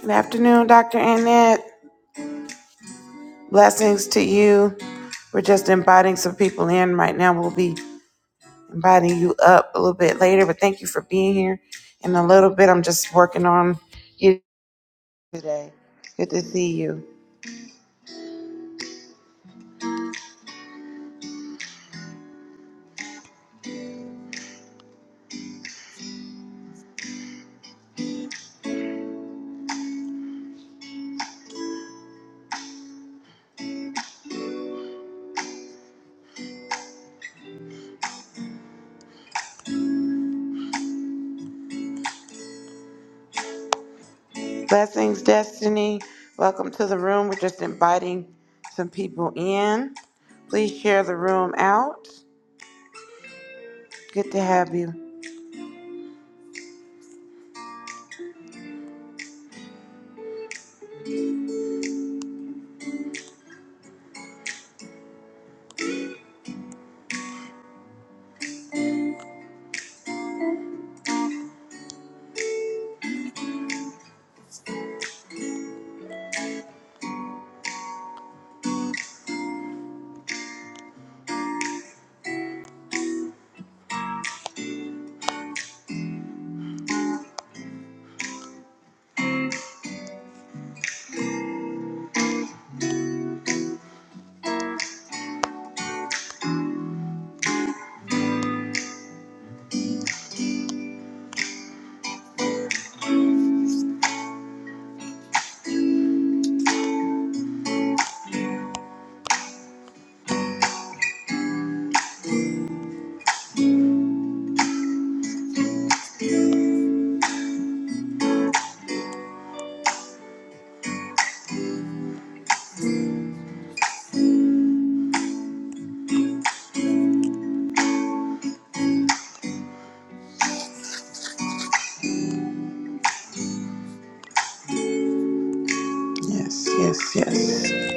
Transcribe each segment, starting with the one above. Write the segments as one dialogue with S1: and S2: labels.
S1: Good afternoon, Dr. Annette. Blessings to you. We're just inviting some people in right now. We'll be inviting you up a little bit later, but thank you for being here. In a little bit, I'm just working on you today. Good to see you. Blessings, Destiny. Welcome to the room. We're just inviting some people in. Please share the room out. Good to have you. Yes, yes, yes.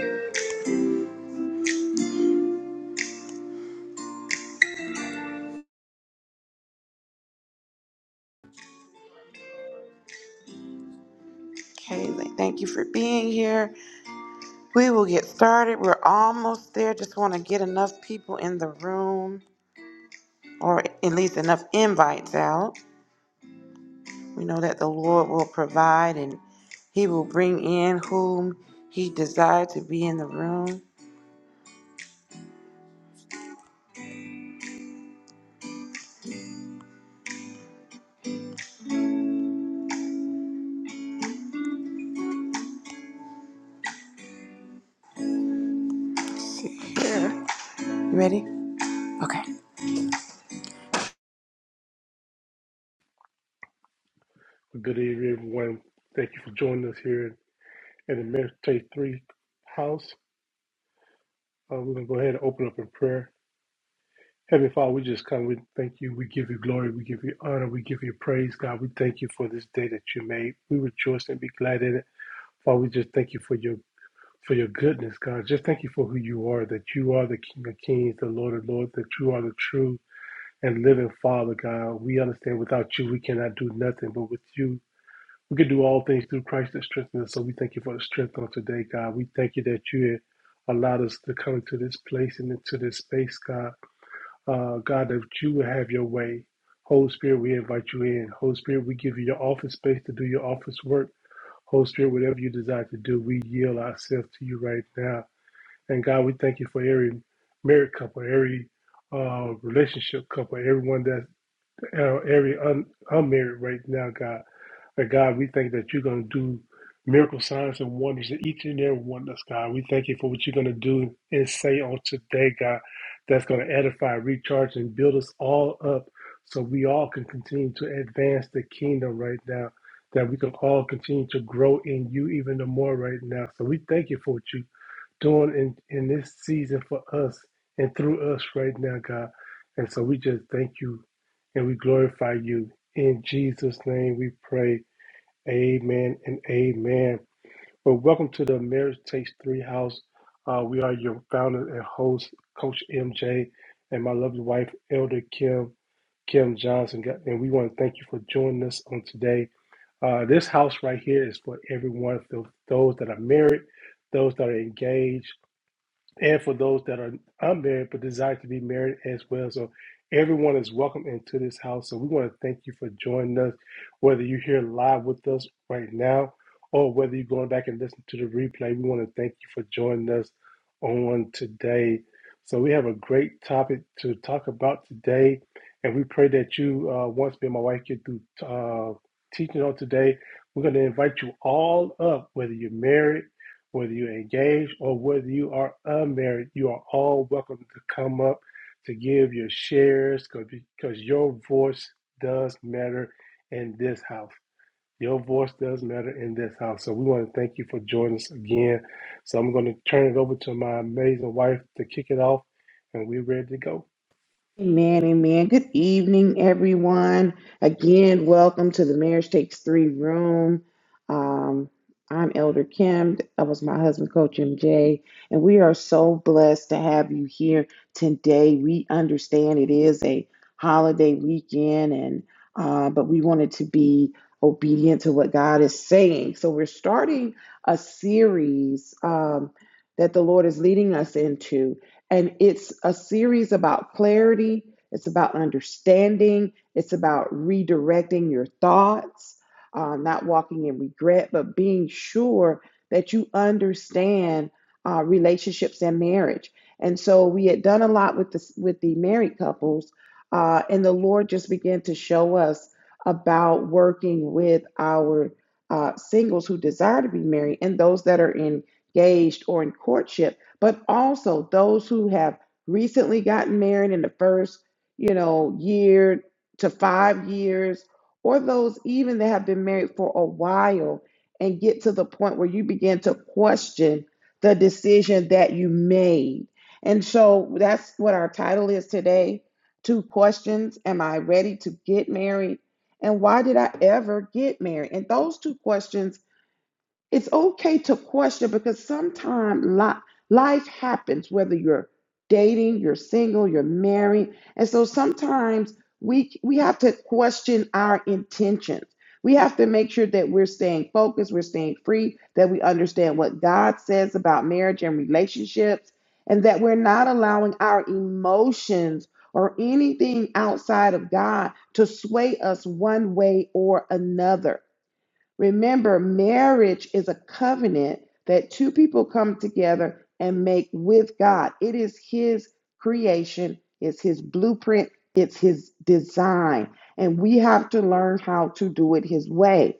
S1: Kaylee, thank you for being here. We will get started. We're almost there. Just want to get enough people in the room, or at least enough invites out. We know that the Lord will provide and He will bring in whom He desires to be in the room. Sure. You ready? Okay.
S2: Good evening, everyone. Thank you for joining us here in the Meditate 3 house. Uh, we're going to go ahead and open up in prayer. Heavenly Father, we just come. We thank you. We give you glory. We give you honor. We give you praise, God. We thank you for this day that you made. We rejoice and be glad in it. Father, we just thank you for your for your goodness, God. Just thank you for who you are, that you are the King of Kings, the Lord of Lords, that you are the true and living Father, God. We understand without you we cannot do nothing, but with you We can do all things through Christ that strengthens us. So we thank you for the strength on today, God. We thank you that you allowed us to come into this place and into this space, God. Uh, God, that you will have your way. Holy Spirit, we invite you in. Holy Spirit, we give you your office space to do your office work. Holy Spirit, whatever you desire to do, we yield ourselves to you right now. And God, we thank you for every married couple, every uh, relationship couple, everyone that you know, every un, unmarried right now, God. But God, we thank that you're going to do miracle signs and wonders in each and every one of us, God. We thank you for what you're going to do and say on today, God, that's going to edify, recharge, and build us all up so we all can continue to advance the kingdom right now, that we can all continue to grow in you even the more right now. So we thank you for what you doing in, in this season for us and through us right now, God. And so we just thank you and we glorify you. In Jesus' name we pray. Amen and amen. Well, welcome to the Marriage Takes Three House. Uh, we are your founder and host, Coach MJ, and my lovely wife, Elder Kim, Kim Johnson. God- And we want to thank you for joining us on today. Uh, this house right here is for everyone, for those that are married, those that are engaged and for those that are unmarried but desire to be married as well. So everyone is welcome into this house. So we want to thank you for joining us, whether you're here live with us right now or whether you're going back and listening to the replay. We want to thank you for joining us on today. So we have a great topic to talk about today, and we pray that you, uh, once me and my wife get through uh, teaching on today, we're going to invite you all up, whether you're married whether you're engaged or whether you are unmarried, you are all welcome to come up to give your shares because your voice does matter in this house. Your voice does matter in this house. So we want to thank you for joining us again. So I'm going to turn it over to my amazing wife to kick it off, and we're ready to go.
S1: Amen, amen. Good evening, everyone. Again, welcome to the Marriage Takes Three Room. Um, I'm Elder Kim. That was my husband, Coach MJ. And we are so blessed to have you here today. We understand it is a holiday weekend, and uh, but we wanted to be obedient to what God is saying. So we're starting a series um, that the Lord is leading us into. And it's a series about clarity, it's about understanding, it's about redirecting your thoughts, uh, not walking in regret, but being sure that you understand uh, relationships and marriage. And so we had done a lot with the with the married couples, uh, and the Lord just began to show us about working with our uh, singles who desire to be married and those that are engaged or in courtship but also those who have recently gotten married in the first, you know, year to 5 years or those even that have been married for a while and get to the point where you begin to question the decision that you made. And so that's what our title is today. Two questions, am I ready to get married? And why did I ever get married? And those two questions it's okay to question because sometimes life happens whether you're dating you're single you're married and so sometimes we we have to question our intentions we have to make sure that we're staying focused we're staying free that we understand what god says about marriage and relationships and that we're not allowing our emotions or anything outside of god to sway us one way or another Remember, marriage is a covenant that two people come together and make with God. It is His creation, it's His blueprint, it's His design. And we have to learn how to do it His way.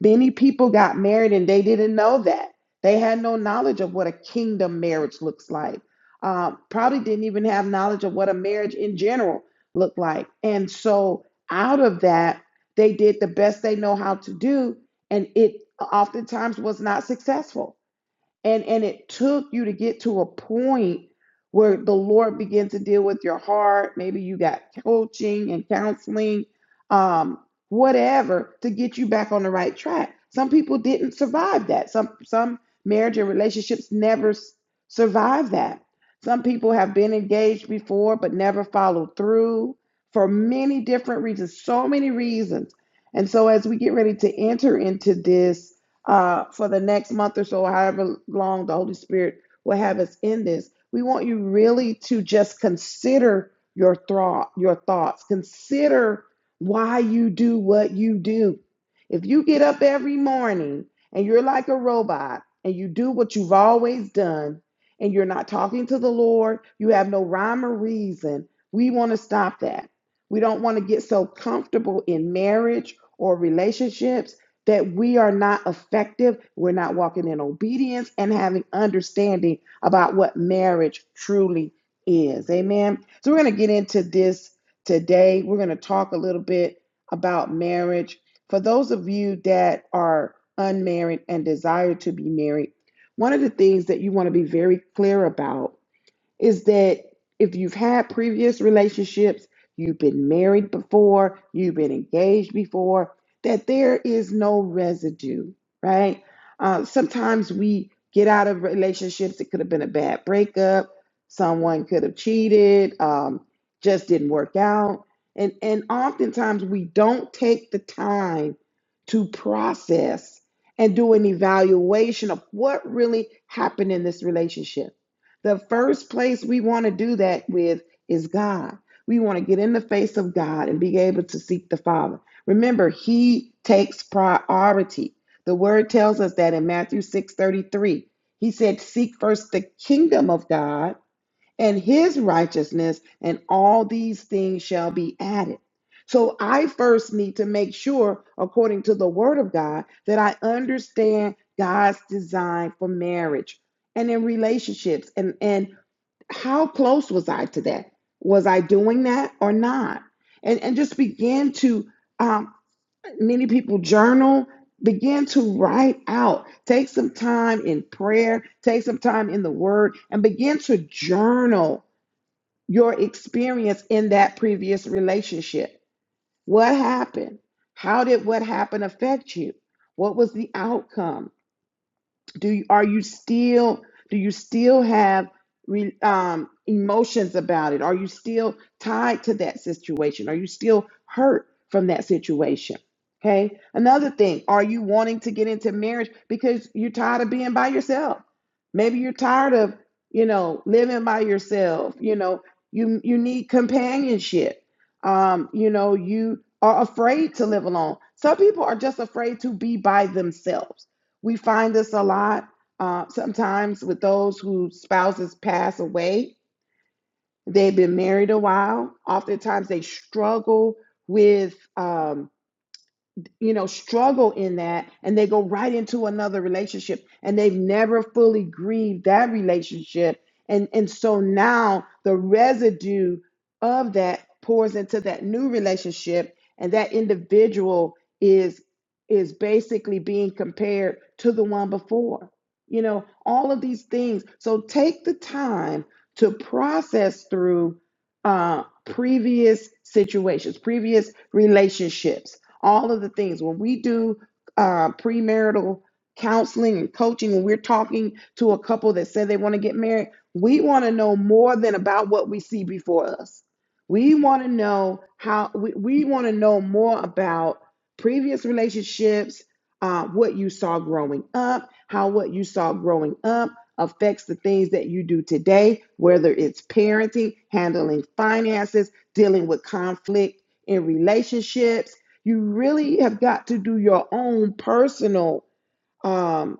S1: Many people got married and they didn't know that. They had no knowledge of what a kingdom marriage looks like. Um, probably didn't even have knowledge of what a marriage in general looked like. And so, out of that, they did the best they know how to do, and it oftentimes was not successful and and it took you to get to a point where the lord began to deal with your heart maybe you got coaching and counseling um whatever to get you back on the right track some people didn't survive that some some marriage and relationships never s- survive that some people have been engaged before but never followed through for many different reasons so many reasons and so as we get ready to enter into this uh, for the next month or so, however long the Holy Spirit will have us in this. We want you really to just consider your thought, your thoughts. Consider why you do what you do. If you get up every morning and you're like a robot and you do what you've always done and you're not talking to the Lord, you have no rhyme or reason. We want to stop that. We don't want to get so comfortable in marriage or relationships that we are not effective, we're not walking in obedience and having understanding about what marriage truly is. Amen. So we're going to get into this today. We're going to talk a little bit about marriage. For those of you that are unmarried and desire to be married, one of the things that you want to be very clear about is that if you've had previous relationships, you've been married before, you've been engaged before, that there is no residue, right? Uh, sometimes we get out of relationships. It could have been a bad breakup. Someone could have cheated. Um, just didn't work out. And and oftentimes we don't take the time to process and do an evaluation of what really happened in this relationship the first place we want to do that with is God. We want to get in the face of God and be able to seek the Father. Remember, He takes priority. The word tells us that in Matthew 6:33, He said, Seek first the kingdom of God and his righteousness, and all these things shall be added. So I first need to make sure, according to the word of God, that I understand God's design for marriage and in relationships. And, and how close was I to that? Was I doing that or not? And, and just begin to, um, many people journal, begin to write out. Take some time in prayer, take some time in the word, and begin to journal your experience in that previous relationship. What happened? How did what happened affect you? What was the outcome? do you are you still do you still have re, um, emotions about it are you still tied to that situation are you still hurt from that situation okay another thing are you wanting to get into marriage because you're tired of being by yourself maybe you're tired of you know living by yourself you know you you need companionship um you know you are afraid to live alone some people are just afraid to be by themselves we find this a lot uh, sometimes with those whose spouses pass away. They've been married a while. Oftentimes, they struggle with. um, you know, struggle in that and they go right into another relationship and they've never fully grieved that relationship. And and so now the residue of that pours into that new relationship and that individual is is basically being compared to the one before. You know, all of these things. So take the time to process through uh, previous situations, previous relationships all of the things. When we do uh, premarital counseling and coaching, when we're talking to a couple that said they want to get married, we want to know more than about what we see before us. We want to know how, we, we want to know more about previous relationships, uh, what you saw growing up, how what you saw growing up affects the things that you do today, whether it's parenting, handling finances, dealing with conflict in relationships you really have got to do your own personal um,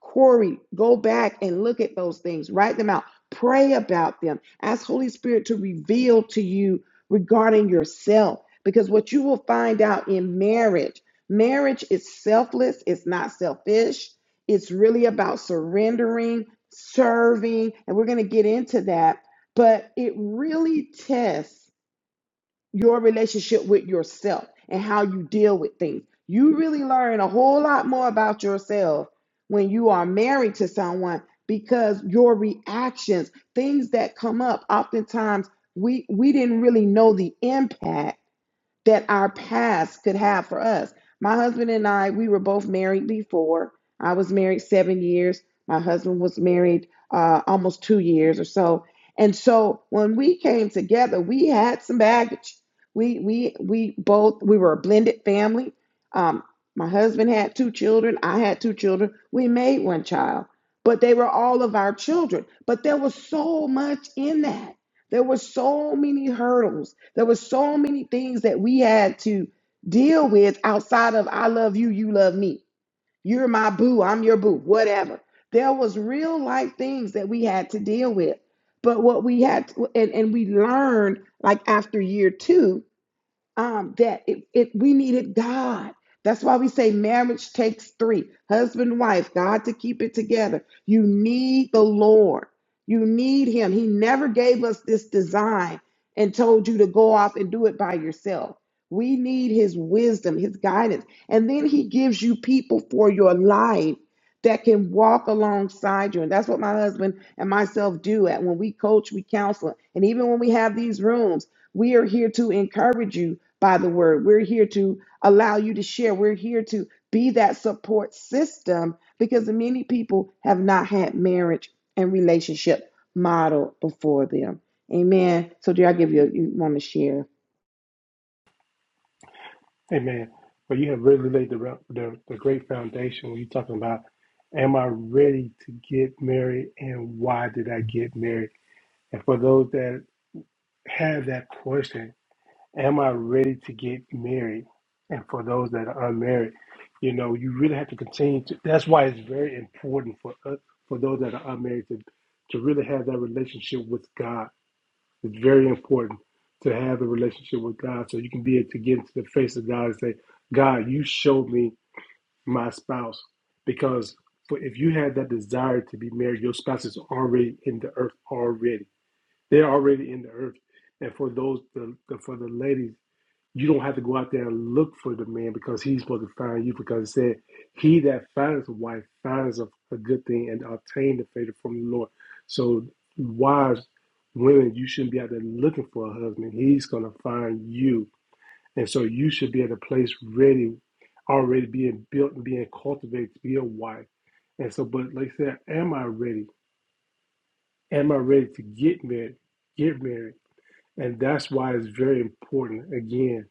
S1: query. Go back and look at those things, write them out, pray about them, ask Holy Spirit to reveal to you regarding yourself. Because what you will find out in marriage, marriage is selfless, it's not selfish, it's really about surrendering, serving, and we're going to get into that. But it really tests your relationship with yourself and how you deal with things. You really learn a whole lot more about yourself when you are married to someone because your reactions, things that come up, oftentimes we we didn't really know the impact that our past could have for us. My husband and I, we were both married before. I was married seven years. My husband was married uh, almost two years or so. And so when we came together, we had some baggage. We we we both we were a blended family. Um, my husband had two children. I had two children. We made one child, but they were all of our children. But there was so much in that there were so many hurdles. There were so many things that we had to deal with outside of I love you, you love me. You're my boo, I'm your boo, whatever. There was real life things that we had to deal with. But what we had to, and, and we learned like after year two um, that it, it we needed God. That's why we say marriage takes three husband, wife, God to keep it together. You need the Lord. You need Him. He never gave us this design and told you to go off and do it by yourself. We need His wisdom, His guidance. And then He gives you people for your life that can walk alongside you. And that's what my husband and myself do at when we coach, we counsel. And even when we have these rooms, we are here to encourage you by the word. We're here to allow you to share. We're here to be that support system because many people have not had marriage and relationship model before them. Amen. So, dear, I give you, you want to share.
S2: Amen. But you have really laid the, the, the great foundation when you're talking about, am I ready to get married and why did I get married? And for those that have that question Am I ready to get married? And for those that are unmarried, you know, you really have to continue to. That's why it's very important for us, for those that are unmarried, to, to really have that relationship with God. It's very important to have a relationship with God so you can be able to get into the face of God and say, God, you showed me my spouse. Because for, if you have that desire to be married, your spouse is already in the earth already they're already in the earth. And for those, the, the, for the ladies, you don't have to go out there and look for the man because he's supposed to find you. Because it said, "He that finds a wife finds a, a good thing and obtain the favor from the Lord." So, wives, women, you shouldn't be out there looking for a husband. He's going to find you, and so you should be at a place ready, already being built and being cultivated to be a wife. And so, but like I said, am I ready? Am I ready to get married? Get married. And that's why it's very important, again,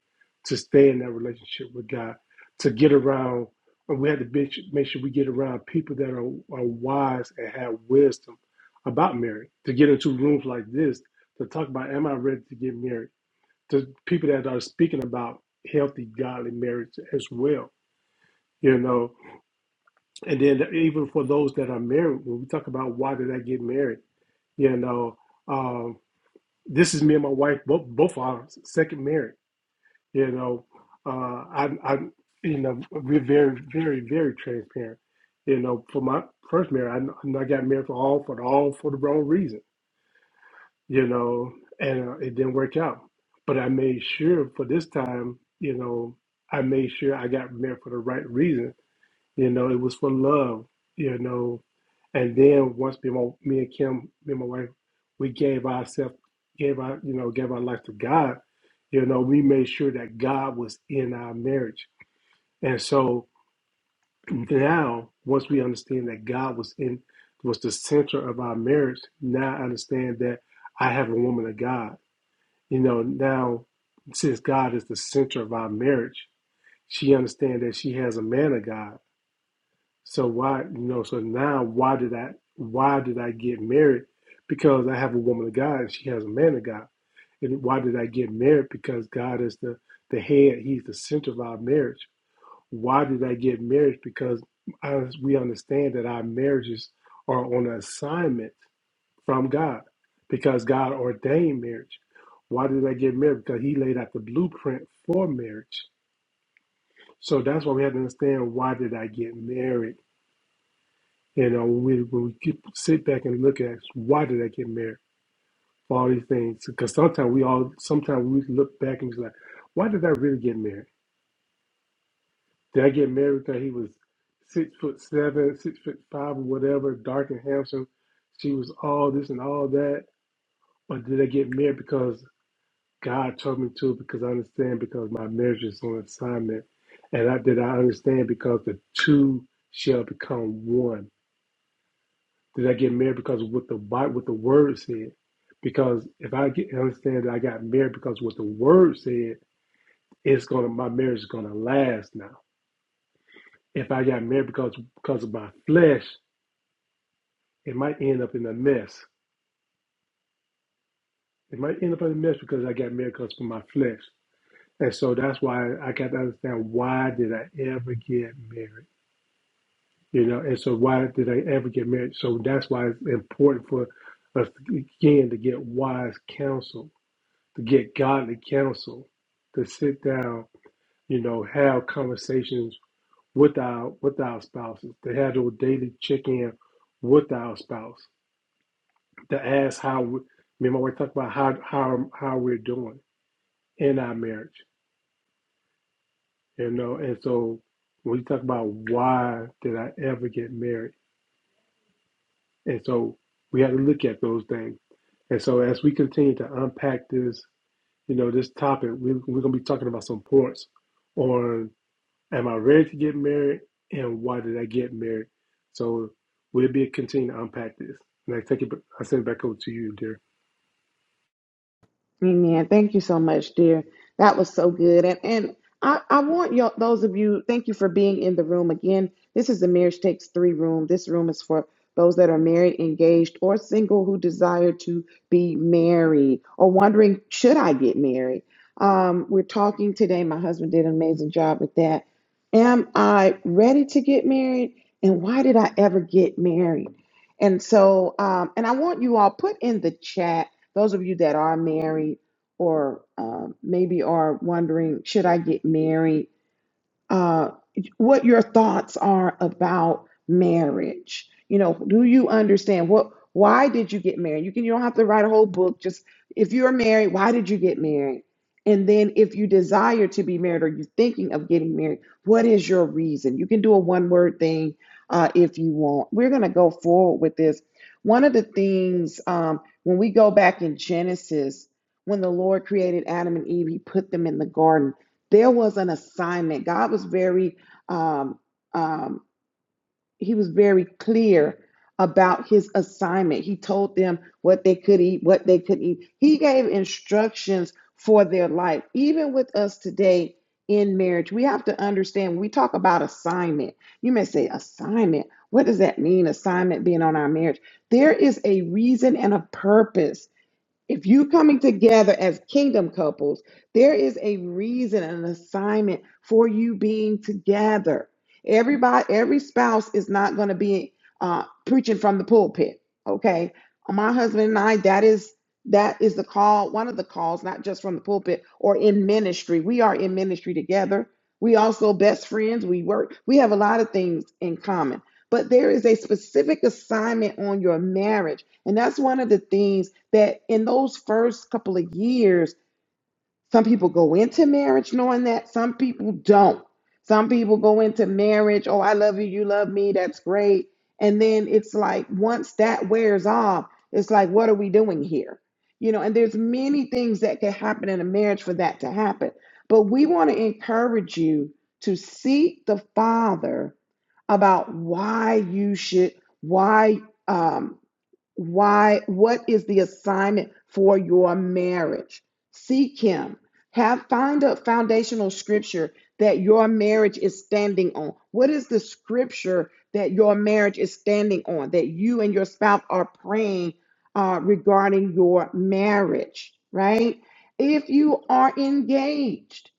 S2: to stay in that relationship with God, to get around, and we have to be, make sure we get around people that are, are wise and have wisdom about marriage, to get into rooms like this, to talk about, am I ready to get married? To people that are speaking about healthy, godly marriage as well, you know. And then even for those that are married, when we talk about why did I get married, you know, um, this is me and my wife, both, both our second marriage you know, uh, I'm, I'm, you know, we're very, very, very transparent. You know, for my first marriage, I, kn- I got married for all for the, all for the wrong reason. You know, and uh, it didn't work out. But I made sure for this time, you know, I made sure I got married for the right reason you know, it was for love, you know. And then once me, and my, me and Kim, me and my wife, we gave ourselves, gave our, you know, gave our life to God, you know, we made sure that God was in our marriage. And so now, once we understand that God was in, was the center of our marriage, now I understand that I have a woman of God. You know, now since God is the center of our marriage, she understands that she has a man of God so why, you know, so now why did I why did I get married? Because I have a woman of God and she has a man of God. And why did I get married? Because God is the the head, he's the center of our marriage. Why did I get married? Because I, we understand that our marriages are on assignment from God because God ordained marriage. Why did I get married? Because he laid out the blueprint for marriage. So that's why we have to understand why did I get married? You know, when we when we keep, sit back and look at why did I get married for all these things? Because sometimes we all sometimes we look back and be like, why did I really get married? Did I get married because he was six foot seven, six foot five, or whatever, dark and handsome? She was all this and all that, or did I get married because God told me to? Because I understand because my marriage is on assignment, and I did I understand because the two shall become one Did I get married because of what the Bi- what the word said? Because if I get understand that I got married because what the word said, it's gonna my marriage is gonna last now. If I got married because because of my flesh, it might end up in a mess. It might end up in a mess because I got married because of my flesh. And so that's why I got to understand why did I ever get married? You know, and so why did I ever get married? So that's why it's important for us again to get wise counsel to get godly counsel, to sit down, you know, have conversations with our with our spouses, to have those daily check in with our spouse, to ask how we, me and my wife talk about how how how we're doing in our marriage, you know, and so when we talk about why did I ever get married, and so we have to look at those things, and so as we continue to unpack this, you know, this topic, we, we're gonna be talking about some points on Am I ready to get married? And why did I get married? So we'll be continuing to unpack this. And I take it I send it back over to you, dear.
S1: Amen. Thank you so much, dear. That was so good. And and I, I want you those of you, thank you for being in the room again. This is the Marriage Takes Three room. This room is for those that are married, engaged, or single who desire to be married or wondering, should I get married? Um, we're talking today. My husband did an amazing job with that. Am I ready to get married? And why did I ever get married? And so, um, and I want you all put in the chat those of you that are married or um, maybe are wondering, should I get married? uh, what your thoughts are about marriage. You know, do you understand what why did you get married? You can you don't have to write a whole book. Just if you're married, why did you get married? And then if you desire to be married or you're thinking of getting married, what is your reason? You can do a one word thing uh, if you want. We're going to go forward with this. One of the things um, when we go back in Genesis, when the Lord created Adam and Eve, he put them in the garden there was an assignment. God was very, um, um, he was very clear about his assignment. He told them what they could eat, what they couldn't eat. He gave instructions for their life. Even with us today in marriage, we have to understand when we talk about assignment, you may say, assignment. What does that mean? Assignment being on our marriage. There is a reason and a purpose if you coming together as kingdom couples, there is a reason and an assignment for you being together. Everybody, every spouse is not going to be uh, preaching from the pulpit. Okay, my husband and I, that is that is the call. One of the calls, not just from the pulpit or in ministry. We are in ministry together. We also best friends. We work. We have a lot of things in common. But there is a specific assignment on your marriage and that's one of the things that in those first couple of years, some people go into marriage knowing that, some people don't. Some people go into marriage, oh, I love you, you love me, that's great. And then it's like, once that wears off, it's like, what are we doing here? You know, and there's many things that can happen in a marriage for that to happen. But we want to encourage you to seek the Father about why you should, why um, why what is the assignment for your marriage seek him have find a foundational scripture that your marriage is standing on what is the scripture that your marriage is standing on that you and your spouse are praying uh, regarding your marriage right if you are engaged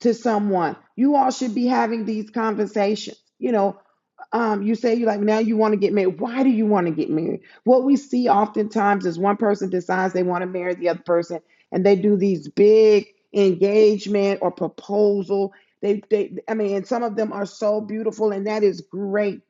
S1: to someone you all should be having these conversations you know um, you say you like now you want to get married. Why do you want to get married? What we see oftentimes is one person decides they want to marry the other person, and they do these big engagement or proposal. They, they, I mean, and some of them are so beautiful, and that is great.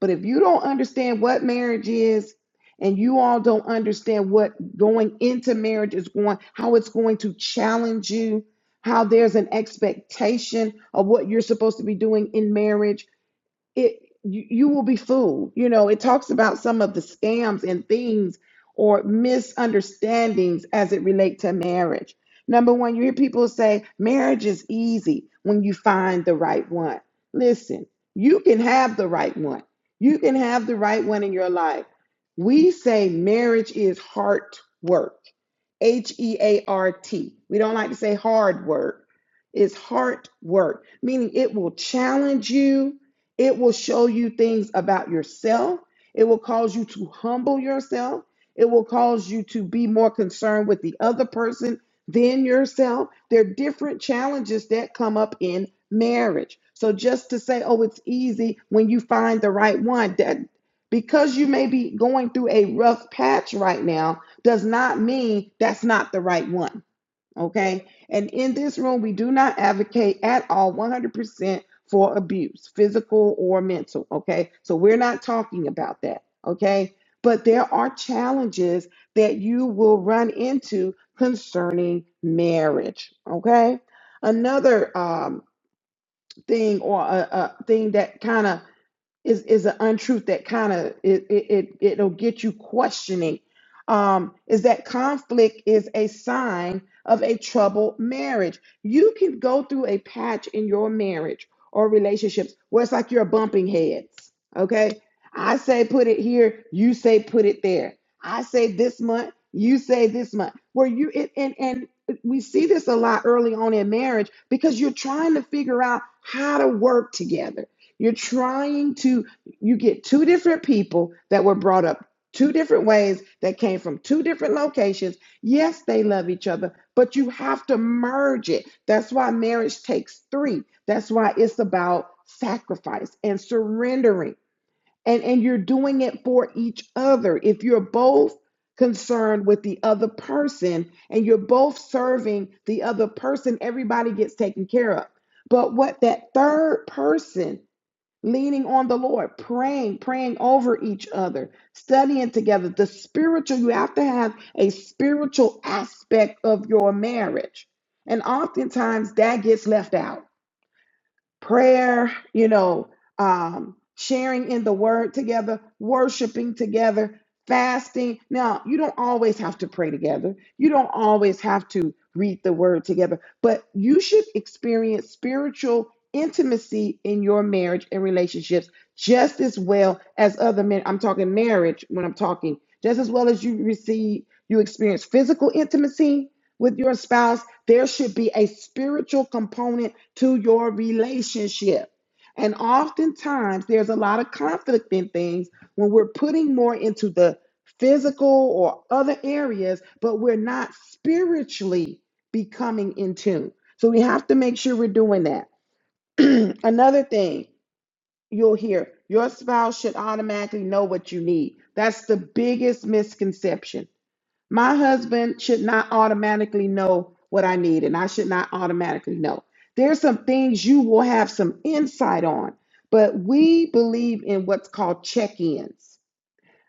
S1: But if you don't understand what marriage is, and you all don't understand what going into marriage is going, how it's going to challenge you, how there's an expectation of what you're supposed to be doing in marriage it you, you will be fooled you know it talks about some of the scams and things or misunderstandings as it relate to marriage number one you hear people say marriage is easy when you find the right one listen you can have the right one you can have the right one in your life we say marriage is heart work H E A R T. We don't like to say hard work. It's heart work, meaning it will challenge you. It will show you things about yourself. It will cause you to humble yourself. It will cause you to be more concerned with the other person than yourself. There are different challenges that come up in marriage. So just to say, oh, it's easy when you find the right one, that because you may be going through a rough patch right now, does not mean that's not the right one. Okay. And in this room, we do not advocate at all 100% for abuse, physical or mental. Okay. So we're not talking about that. Okay. But there are challenges that you will run into concerning marriage. Okay. Another um, thing or a, a thing that kind of is is an untruth that kind of it, it it it'll get you questioning um is that conflict is a sign of a troubled marriage you can go through a patch in your marriage or relationships where it's like you're bumping heads okay i say put it here you say put it there i say this month you say this month where you it, and and we see this a lot early on in marriage because you're trying to figure out how to work together you're trying to, you get two different people that were brought up two different ways that came from two different locations. Yes, they love each other, but you have to merge it. That's why marriage takes three. That's why it's about sacrifice and surrendering. And, and you're doing it for each other. If you're both concerned with the other person and you're both serving the other person, everybody gets taken care of. But what that third person leaning on the Lord, praying, praying over each other, studying together. The spiritual, you have to have a spiritual aspect of your marriage. And oftentimes that gets left out prayer, you know, um, sharing in the word together, worshiping together, fasting. Now, you don't always have to pray together, you don't always have to read the word together, but you should experience spiritual intimacy in your marriage and relationships just as well as other men. I'm talking marriage when I'm talking, just as well as you receive, you experience physical intimacy with your spouse, there should be a spiritual component to your relationship. And oftentimes, there's a lot of conflict in things when we're putting more into the physical or other areas, but we're not spiritually becoming in tune. So we have to make sure we're doing that. Another thing you'll hear your spouse should automatically know what you need. That's the biggest misconception my husband should not automatically know what I need, and I should not automatically know. There's some things you will have some insight on, but we believe in what's called check ins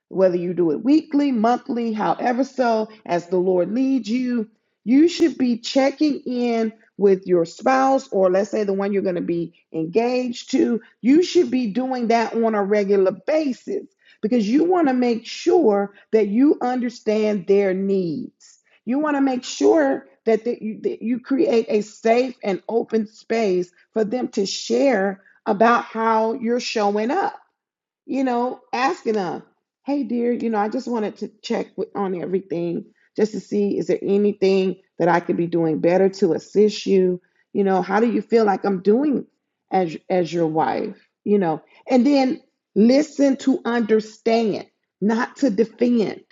S1: whether you do it weekly, monthly, however so, as the Lord leads you, you should be checking in with your spouse or let's say the one you're going to be engaged to. You should be doing that on a regular basis because you want to make sure that you understand their needs. You want to make sure that, that, you, that you create a safe and open space for them to share about how you're showing up you know, asking them, hey, dear, you know, I just wanted to check with, on everything just to see is there anything that I could be doing better to assist you? You know, how do you feel like I'm doing as as your wife? You know, and then listen to understand, not to defend.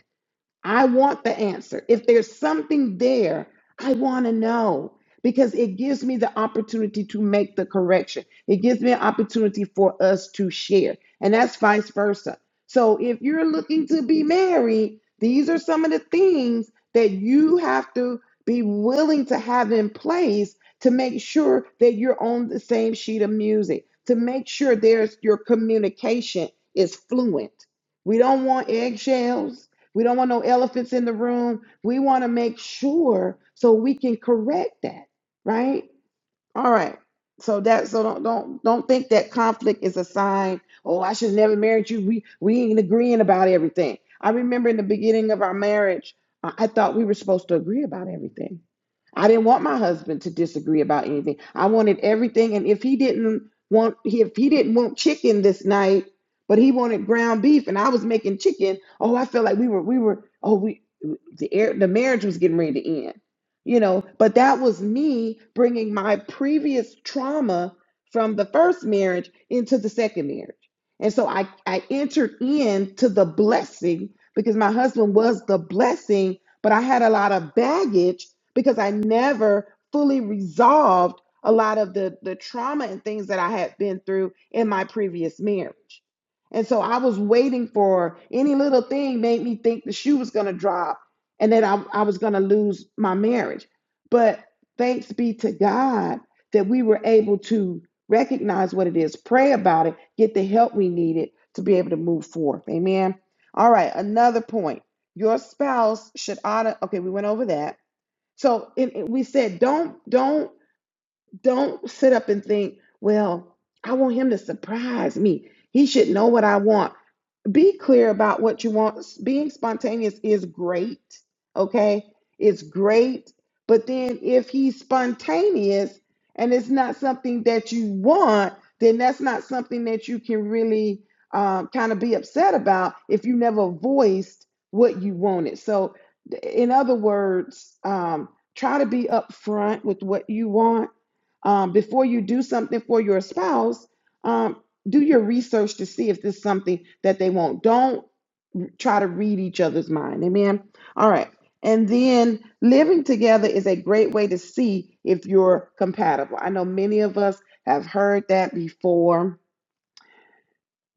S1: I want the answer. If there's something there, I want to know because it gives me the opportunity to make the correction. It gives me an opportunity for us to share, and that's vice versa. So if you're looking to be married, these are some of the things that you have to be willing to have in place to make sure that you're on the same sheet of music, to make sure there's your communication is fluent. We don't want eggshells. We don't want no elephants in the room. We want to make sure so we can correct that, right? All right. So that so don't don't don't think that conflict is a sign, oh, I should never married you. We we ain't agreeing about everything. I remember in the beginning of our marriage, I I thought we were supposed to agree about everything. I didn't want my husband to disagree about anything. I wanted everything and if he didn't want if he didn't want chicken this night, but he wanted ground beef and I was making chicken, oh, I felt like we were we were oh, we the air, the marriage was getting ready to end you know but that was me bringing my previous trauma from the first marriage into the second marriage and so i i entered into the blessing because my husband was the blessing but i had a lot of baggage because i never fully resolved a lot of the the trauma and things that i had been through in my previous marriage and so i was waiting for any little thing made me think the shoe was going to drop and that I, I was going to lose my marriage. But thanks be to God that we were able to recognize what it is, pray about it, get the help we needed to be able to move forth. Amen. All right, another point. Your spouse should honor. Okay, we went over that. So and and we said, don't, don't, don't sit up and think, well, I want him to surprise me. He should know what I want be clear about what you want. Being spontaneous is great, okay? It's great. But then if he's spontaneous and it's not something that you want, then that's not something that you can really um, kind of be upset about if you never voiced what you wanted. So, in other words, um, try to be upfront with what you want um, before you do something for your spouse um, do your research to see if this is something that they want. Don't try to read each other's mind. Amen. All right. And then living together is a great way to see if you're compatible. I know many of us have heard that before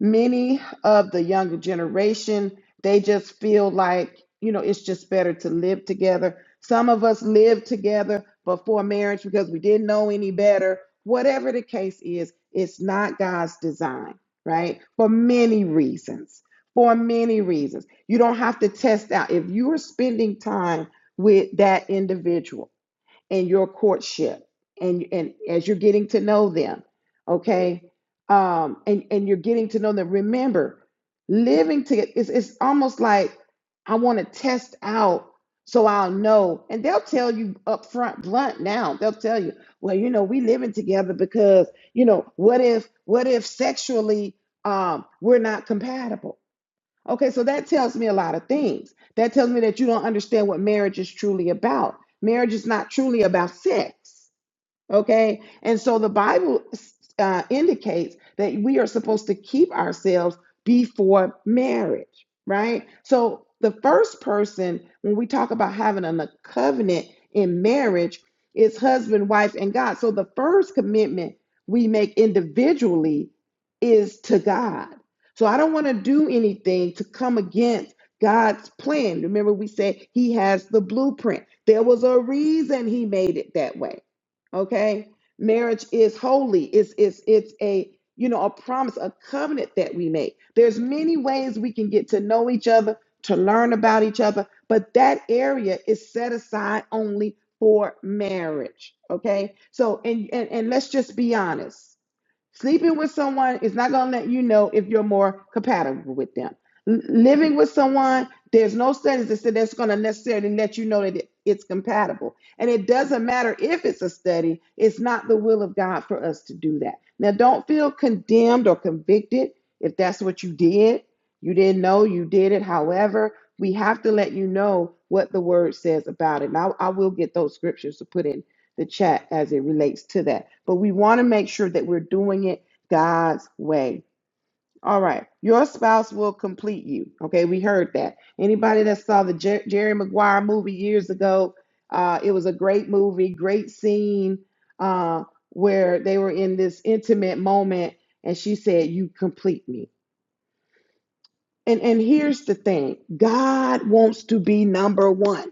S1: many of the younger generation they just feel like you know it's just better to live together some of us lived together before marriage because we didn't know any better whatever the case is it's not god's design right for many reasons for many reasons you don't have to test out if you are spending time with that individual in your courtship and and as you're getting to know them okay um and and you're getting to know them remember living together it's, it's almost like i want to test out so i'll know and they'll tell you up front blunt now they'll tell you well you know we living together because you know what if what if sexually um we're not compatible Okay, so that tells me a lot of things. That tells me that you don't understand what marriage is truly about. Marriage is not truly about sex. Okay. And so the Bible uh, indicates that we are supposed to keep ourselves before marriage, right? So the first person, when we talk about having a covenant in marriage, is husband, wife, and God. So the first commitment we make individually is to God. So I don't want to do anything to come against God's plan. Remember, we said He has the blueprint. There was a reason He made it that way okay marriage is holy it's it's it's a you know a promise a covenant that we make there's many ways we can get to know each other to learn about each other but that area is set aside only for marriage okay so and and, and let's just be honest Sleeping with someone is not going to let you know if you're more compatible with them. L- living with someone, there's no studies that said that's going to necessarily let you know that it- it's compatible. And it doesn't matter if it's a study, it's not the will of God for us to do that. Now, don't feel condemned or convicted if that's what you did. You didn't know you did it. However, we have to let you know what the word says about it. And I, I will get those scriptures to put in the chat as it relates to that. But we want to make sure that we're doing it God's way. All right. Your spouse will complete you. Okay. We heard that. Anybody that saw the Jer- Jerry Maguire movie years ago, uh, it was a great movie, great scene uh, where they were in this intimate moment and she said, You complete me. And, and here's the thing God wants to be number one.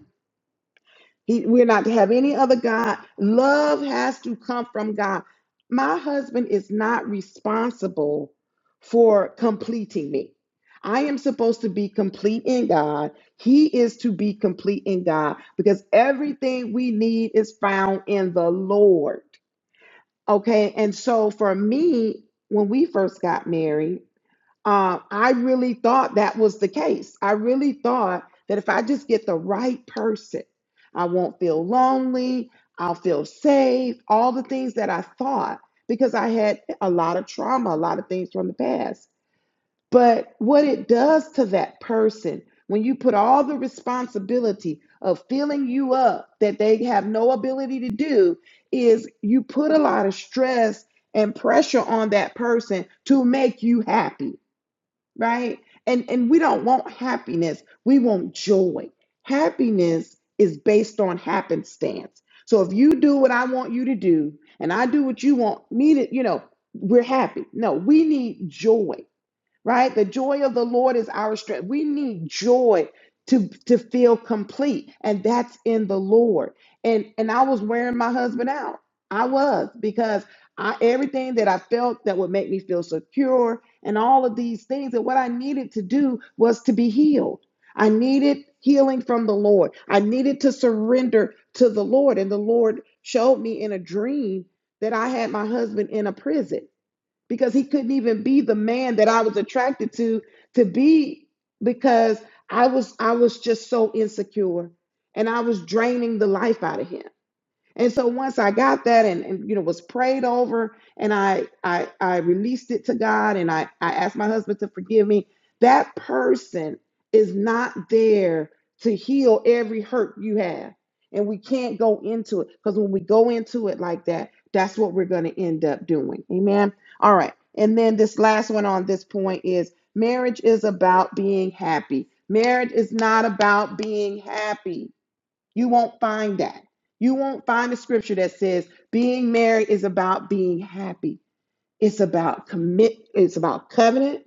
S1: He, we're not to have any other God. Love has to come from God. My husband is not responsible for completing me. I am supposed to be complete in God. He is to be complete in God because everything we need is found in the Lord. Okay. And so for me, when we first got married, uh, I really thought that was the case. I really thought that if I just get the right person, I won't feel lonely, I'll feel safe, all the things that I thought because I had a lot of trauma, a lot of things from the past. But what it does to that person when you put all the responsibility of filling you up that they have no ability to do is you put a lot of stress and pressure on that person to make you happy right? And and we don't want happiness. We want joy. Happiness is based on happenstance. So if you do what I want you to do and I do what you want me to, you know, we're happy. No, we need joy right? The joy of the Lord is our strength. We need joy to to feel complete, and that's in the Lord. And and I was wearing my husband out. I was because I everything that I felt that would make me feel secure and all of these things and what I needed to do was to be healed. I needed healing from the Lord. I needed to surrender to the Lord and the Lord showed me in a dream that I had my husband in a prison because he couldn't even be the man that I was attracted to to be because I was I was just so insecure and I was draining the life out of him. And so once I got that and, and you know was prayed over and I I I released it to God and I I asked my husband to forgive me, that person is not there to heal every hurt you have. And we can't go into it because when we go into it like that, that's what we're going to end up doing. Amen. All right. And then this last one on this point is marriage is about being happy. Marriage is not about being happy. You won't find that. You won't find a scripture that says being married is about being happy. It's about commit, it's about covenant.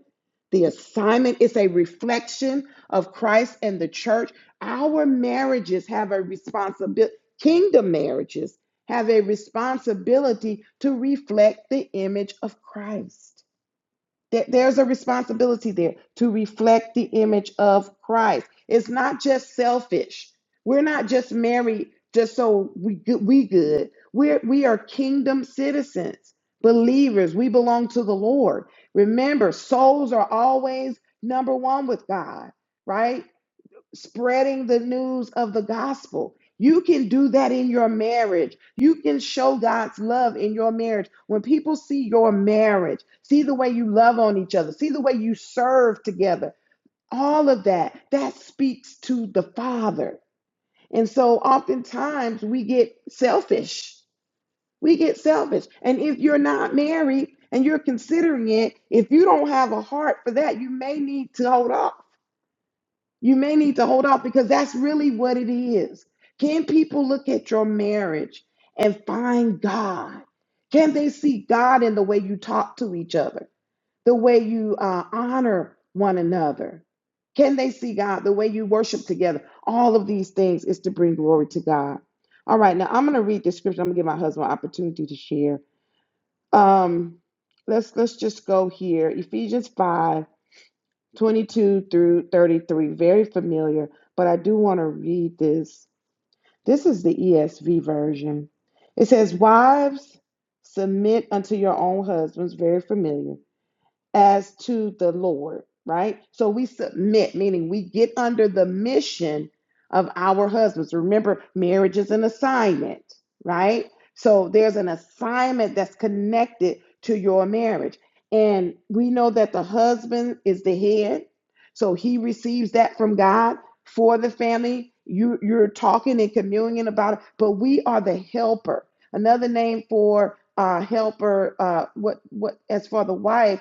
S1: The assignment is a reflection of Christ and the church. Our marriages have a responsibility, kingdom marriages have a responsibility to reflect the image of Christ. There- There's a responsibility there to reflect the image of Christ. It's not just selfish. We're not just married just so we go- we good. We're we are kingdom citizens, believers. We belong to the Lord. Remember, souls are always number one with God, right? spreading the news of the gospel. You can do that in your marriage. You can show God's love in your marriage. When people see your marriage, see the way you love on each other, see the way you serve together, all of that, that speaks to the Father. And so oftentimes we get selfish. We get selfish. And if you're not married and you're considering it, if you don't have a heart for that, you may need to hold off you may need to hold off because that's really what it is. Can people look at your marriage and find God? Can they see God in the way you talk to each other, the way you uh, honor one another? Can they see God, the way you worship together? All of these things is to bring glory to God. All right, now I'm going to read the scripture. I'm going to give my husband an opportunity to share. Um, let's let's just go here. Ephesians 5 22 through 33, very familiar, but I do want to read this. This is the ESV version. It says, Wives, submit unto your own husbands, very familiar as to the Lord, right? So we submit, meaning we get under the mission of our husbands. Remember, marriage is an assignment, right? So there's an assignment that's connected to your marriage. And we know that the husband is the head. So he receives that from God for the family. You, you're talking and communing about it, but we are the helper. Another name for uh, helper, uh, what, what, as for the wife,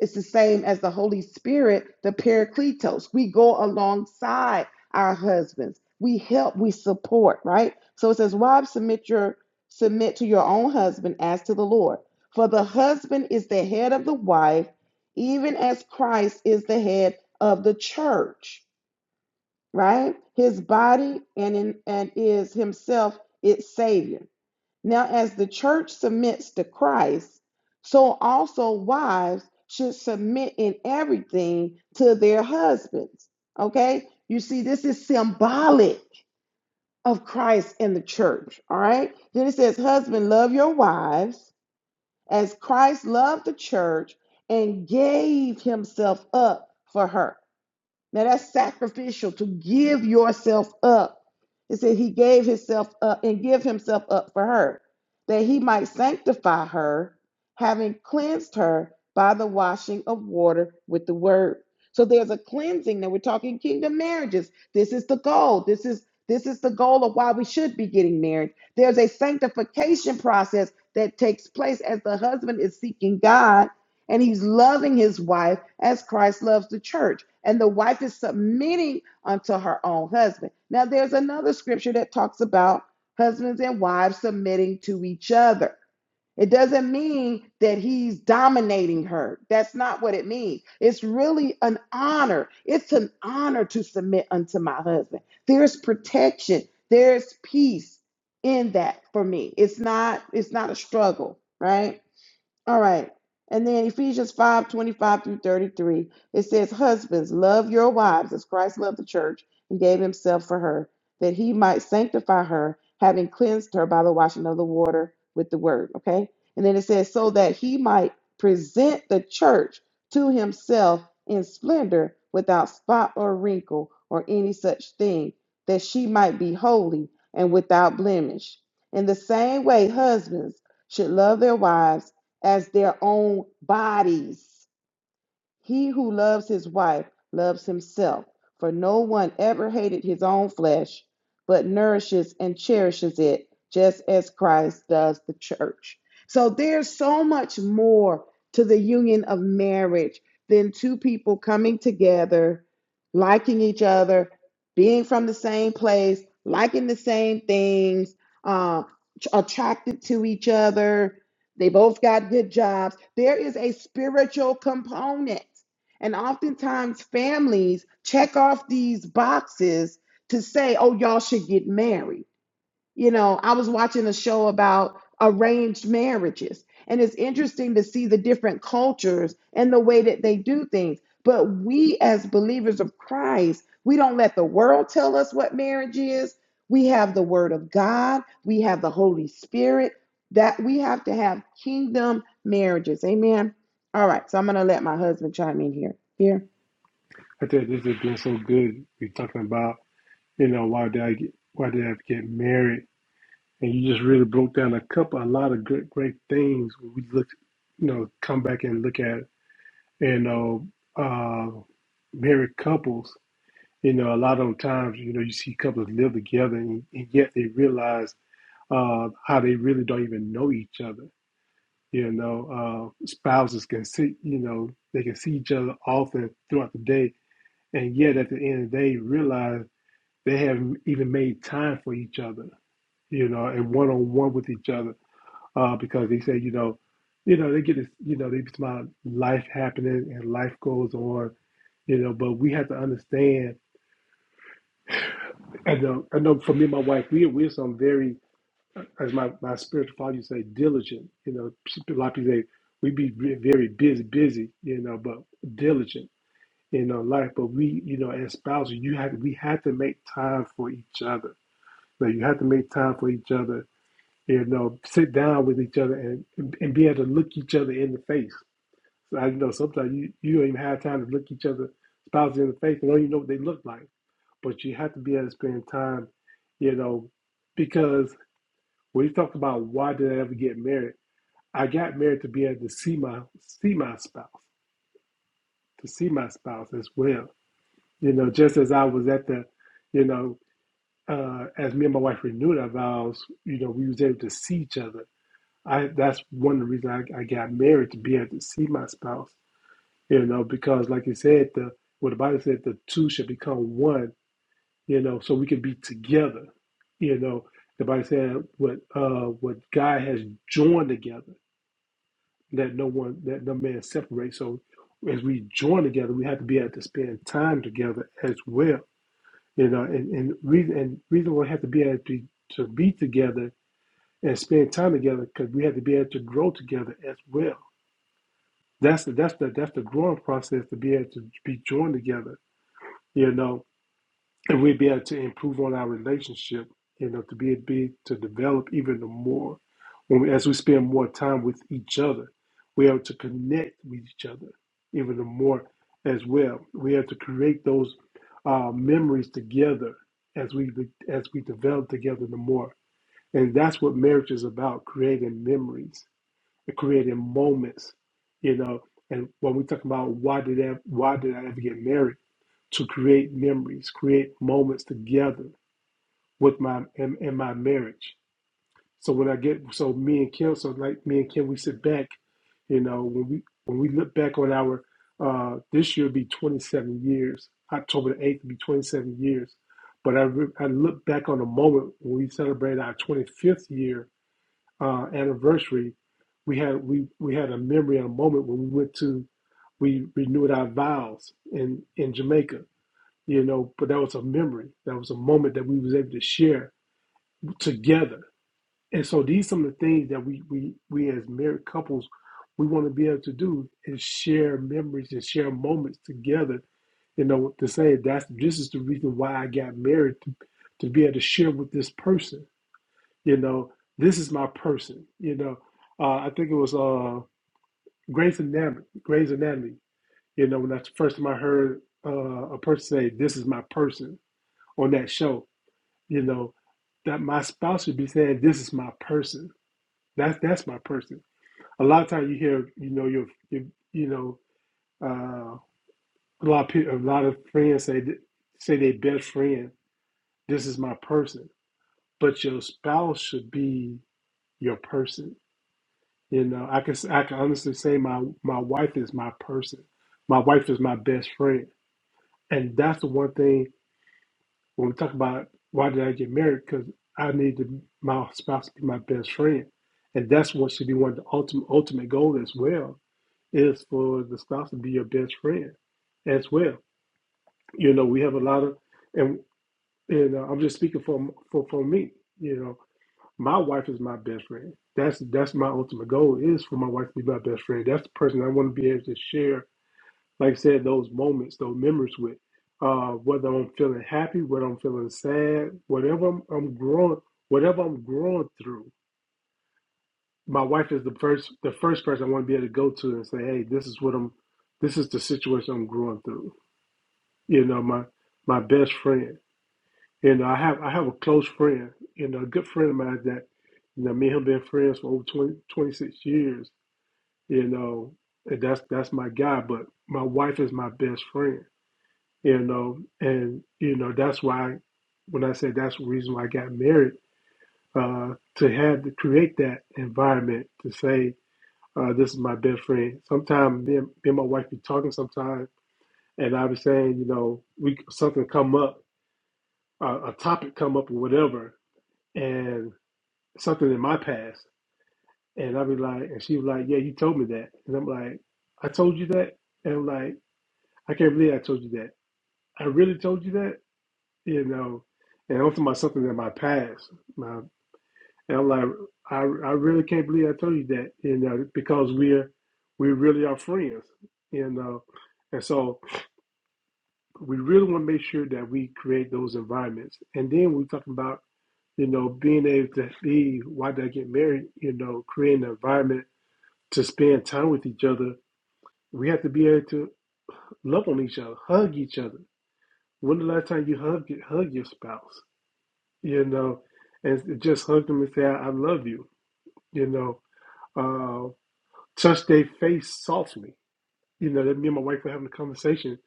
S1: it's the same as the Holy Spirit, the Paracletos. We go alongside our husbands. We help, we support, right? So it says, Wives, submit your submit to your own husband as to the Lord. For the husband is the head of the wife, even as Christ is the head of the church, right? His body and in, and is himself its savior. Now, as the church submits to Christ, so also wives should submit in everything to their husbands. Okay? You see, this is symbolic of Christ and the church. All right? Then it says, Husband, love your wives as Christ loved the church and gave himself up for her. Now that's sacrificial to give yourself up. It said he gave himself up and give himself up for her, that he might sanctify her, having cleansed her by the washing of water with the word. So there's a cleansing. Now we're talking kingdom marriages. This is the goal. This is this is the goal of why we should be getting married. There's a sanctification process that takes place as the husband is seeking God and he's loving his wife as Christ loves the church. And the wife is submitting unto her own husband. Now, there's another scripture that talks about husbands and wives submitting to each other. It doesn't mean that he's dominating her. That's not what it means. It's really an honor. It's an honor to submit unto my husband. There's protection, there's peace in that for me. It's not it's not a struggle, right? All right. And then Ephesians 5:25 through 33, it says, Husbands, love your wives as Christ loved the church and gave himself for her, that he might sanctify her, having cleansed her by the washing of the water with the word. Okay. And then it says, So that he might present the church to himself in splendor without spot or wrinkle or any such thing, that she might be holy and without blemish. In the same way, husbands should love their wives as their own bodies. He who loves his wife loves himself, for no one ever hated his own flesh, but nourishes and cherishes it, just as Christ does the church. So there's so much more to the union of marriage than two people coming together, liking each other, being from the same place, liking the same things, uh, attracted to each other, they both got good jobs. There is a spiritual component. And oftentimes families check off these boxes to say, oh, y'all should get married you know, I was watching a show about arranged marriages, and it's interesting to see the different cultures and the way that they do things. But we, as believers of Christ, we don't let the world tell us what marriage is. We have the Word of God, we have the Holy Spirit, that we have to have kingdom marriages. Amen. All right, so I'm going to let my husband chime in here. Here.
S2: I think this has been so good. We're talking about, you know, why did I get why did I get married? And you just really broke down a couple a lot of good great things we look you know, come back and look at you know, uh married couples. You know, a lot of times, you know, you see couples live together and, and yet they realize uh, how they really don't even know each other. You know, uh, spouses can see, you know, they can see each other often throughout the day, and yet at the end of the day, realize they haven't even made time for each other. You know, and one on one with each other, uh, because they say, you know, you know, they get this, you know, they about life happening and life goes on, you know. But we have to understand. I know, I know. For me and my wife, we we're some very as my, my spiritual father used to say, diligent. You know, a lot of people say we be ve- very busy, busy. You know, but diligent in our life. But we, you know, as spouses, you have we have to make time for each other. Like you have to make time for each other. You know, sit down with each other and and, and be able to look each other in the face. So I know sometimes you you don't even have time to look each other spouses in the face and don't even know what they look like. But you have to be able to spend time. You know, because when you talk about why did I ever get married, I got married to be able to see my see my spouse, to see my spouse as well. You know, just as I was at the, you know, uh, as me and my wife renewed our vows, you know, we was able to see each other. I that's one of the reasons I, I got married to be able to see my spouse. You know, because like you said, the what the Bible said, the two should become one. You know, so we can be together. You know, the Bible said what uh, what God has joined together that no one that no man separates. So as we join together, we have to be able to spend time together as well. You know, and, and reason and reason we have to be able to, to be together and spend time together because we have to be able to grow together as well. That's the that's the that's the growing process to be able to be joined together. You know, and we'd be able to improve on our relationship, you know, to be able be to develop even the more when we, as we spend more time with each other, we're able to connect with each other even the more as well. We have to create those uh, memories together as we as we develop together the more, and that's what marriage is about: creating memories, and creating moments, you know. And when we talk about why did I, why did I ever get married? to create memories, create moments together with my in, in my marriage. So when I get so me and Kim, so like me and Kim, we sit back, you know, when we when we look back on our uh, this year will be 27 years. October the 8th will be 27 years. But I, re- I look back on the moment when we celebrated our 25th year uh, anniversary. We had we we had a memory and a moment when we went to we renewed our vows in in Jamaica you know but that was a memory that was a moment that we was able to share together and so these some of the things that we we we as married couples we want to be able to do is share memories and share moments together you know to say that's this is the reason why i got married to, to be able to share with this person you know this is my person you know uh, i think it was uh Grey's Anatomy, Grey's Anatomy. You know, when that's the first time I heard uh, a person say, "This is my person" on that show, you know, that my spouse should be saying, "This is my person. That's that's my person." A lot of times you hear, you know, your, your you know, uh, a lot of people, a lot of friends say th- say their best friend, "This is my person," but your spouse should be your person. You know, I can I can honestly say my my wife is my person. My wife is my best friend, and that's the one thing. when we talk about why did I get married, because I need my spouse to be my best friend, and that's what should be one of the ultimate ultimate goal as well is for the spouse to be your best friend as well. You know, we have a lot of, and and uh, I'm just speaking for for for me. You know, my wife is my best friend. That's that's my ultimate goal is for my wife to be my best friend. That's the person I want to be able to share like I said, those moments, those memories with, uh, whether I'm feeling happy, whether I'm feeling sad, whatever I'm, I'm growing, whatever I'm growing through. My wife is the first, the first person I want to be able to go to and say, "Hey, this is what I'm, this is the situation I'm growing through." You know, my my best friend. You know, I have I have a close friend, you know, a good friend of mine that, you know, me and him been friends for over 20 26 years. You know, and that's that's my guy. But my wife is my best friend you know, and you know that's why when I said that's the reason why I got married uh, to have to create that environment to say uh, this is my best friend. Sometimes me, and- me and my wife be talking sometimes, and I be saying you know we something come up, uh, a topic come up or whatever, and something in my past, and I be like, and she was like, yeah, you told me that, and I'm like, I told you that, and I'm like, I can't believe I told you that. I really told you that you know, and I'm talking about something in my past. My, and I'm like, I, I really can't believe I told you that, you know, because we're, we really are friends, you know. And so we really want to make sure that we create those environments. And then we're talking about, you know, being able to be, why did I get married? You know, creating an environment to spend time with each other. We have to be able to love on each other, hug each other. When the last time you hugged, hug your spouse? you know, and just hugged them and said, I love you, you know, uh, touched their face softly. You know, that me and my wife were having a conversation,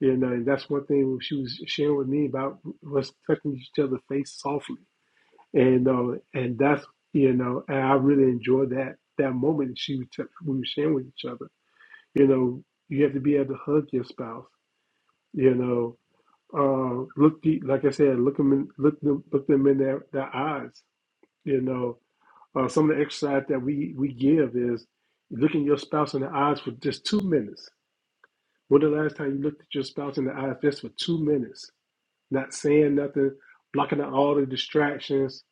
S2: you know, and that's one thing she was sharing with me about was touching each other's face softly. And, uh, and that's, you know, and I really enjoyed that, that moment she was t- we were sharing with each other. You know, you have to be able to hug your spouse, you know, uh, look deep, like I said, look them in, look them, look them in their, their eyes, you know, Uh, some of the exercise that we, we give is looking your spouse in the eyes for just two minutes. When the last time you looked at your spouse in the eyes just for two minutes, not saying nothing, blocking out all the distractions,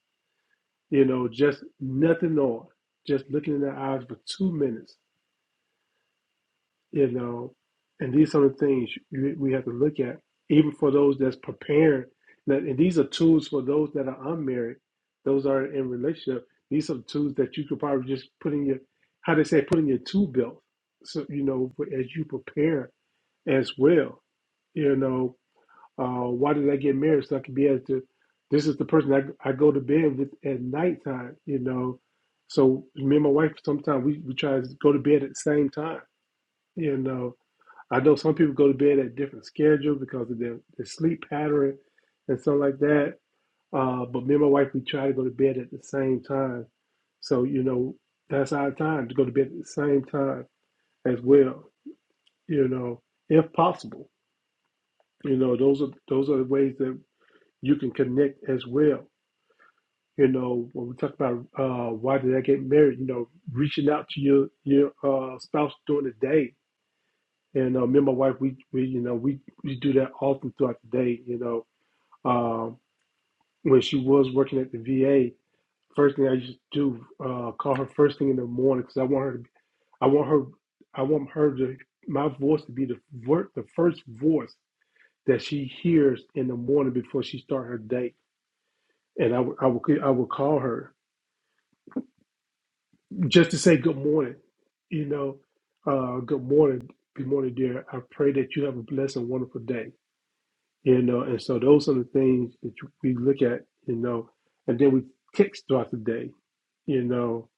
S2: you know, just nothing on, just looking in the eyes for two minutes you know, and these are the things you, we have to look at, even for those that's preparing. That and these are tools for those that are unmarried, those that are in relationship. These are tools that you could probably just put in your, how they say, put in your tool belt. So you know, as you prepare as well, you know, uh, why did I get married? So I could be able to. This is the person I, I go to bed with at nighttime, you know. So me and my wife sometimes we, we try to go to bed at the same time, you know I know some people go to bed at different schedules because of their, their sleep pattern and stuff like that. Uh, but me and my wife, we try to go to bed at the same time. So, you know, that's our time to go to bed at the same time as well, you know, if possible. You know, those are those are the ways that you can connect as well. You know, when we talk about uh, why did I get married, you know, reaching out to your your uh, spouse during the day And uh, me and my wife, we, we you know we we do that often throughout the day. You know, um, when she was working at the VA, first thing I used to do uh, call her first thing in the morning because I want her to be, I want her I want her to my voice to be the ver- the first voice that she hears in the morning before she start her day. And I would I would I would call her just to say good morning. You know, uh, good morning, good morning, dear. I pray that you have a blessed and wonderful day You know, and so those are the things that you- we look at, you know, and then we text throughout the day, you know.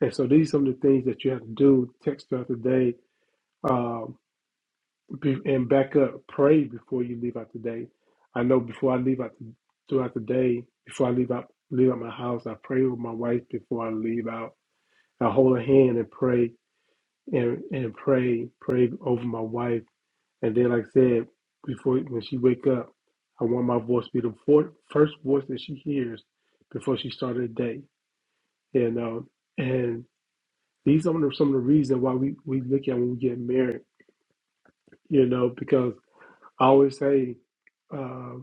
S2: And so these are some of the things that you have to do, text throughout the day, um, be- and back up, pray before you leave out the day. I know before I leave out the, throughout the day, before I leave out leave out my house, I pray with my wife before I leave out. I hold her hand and pray and, and pray, pray over my wife and then, like I said, before when she wake up, I want my voice to be the four, first voice that she hears before she started the day. You know, and these are some of the- some of the reasons why we we look at when we get married. You know, because I always say, uh,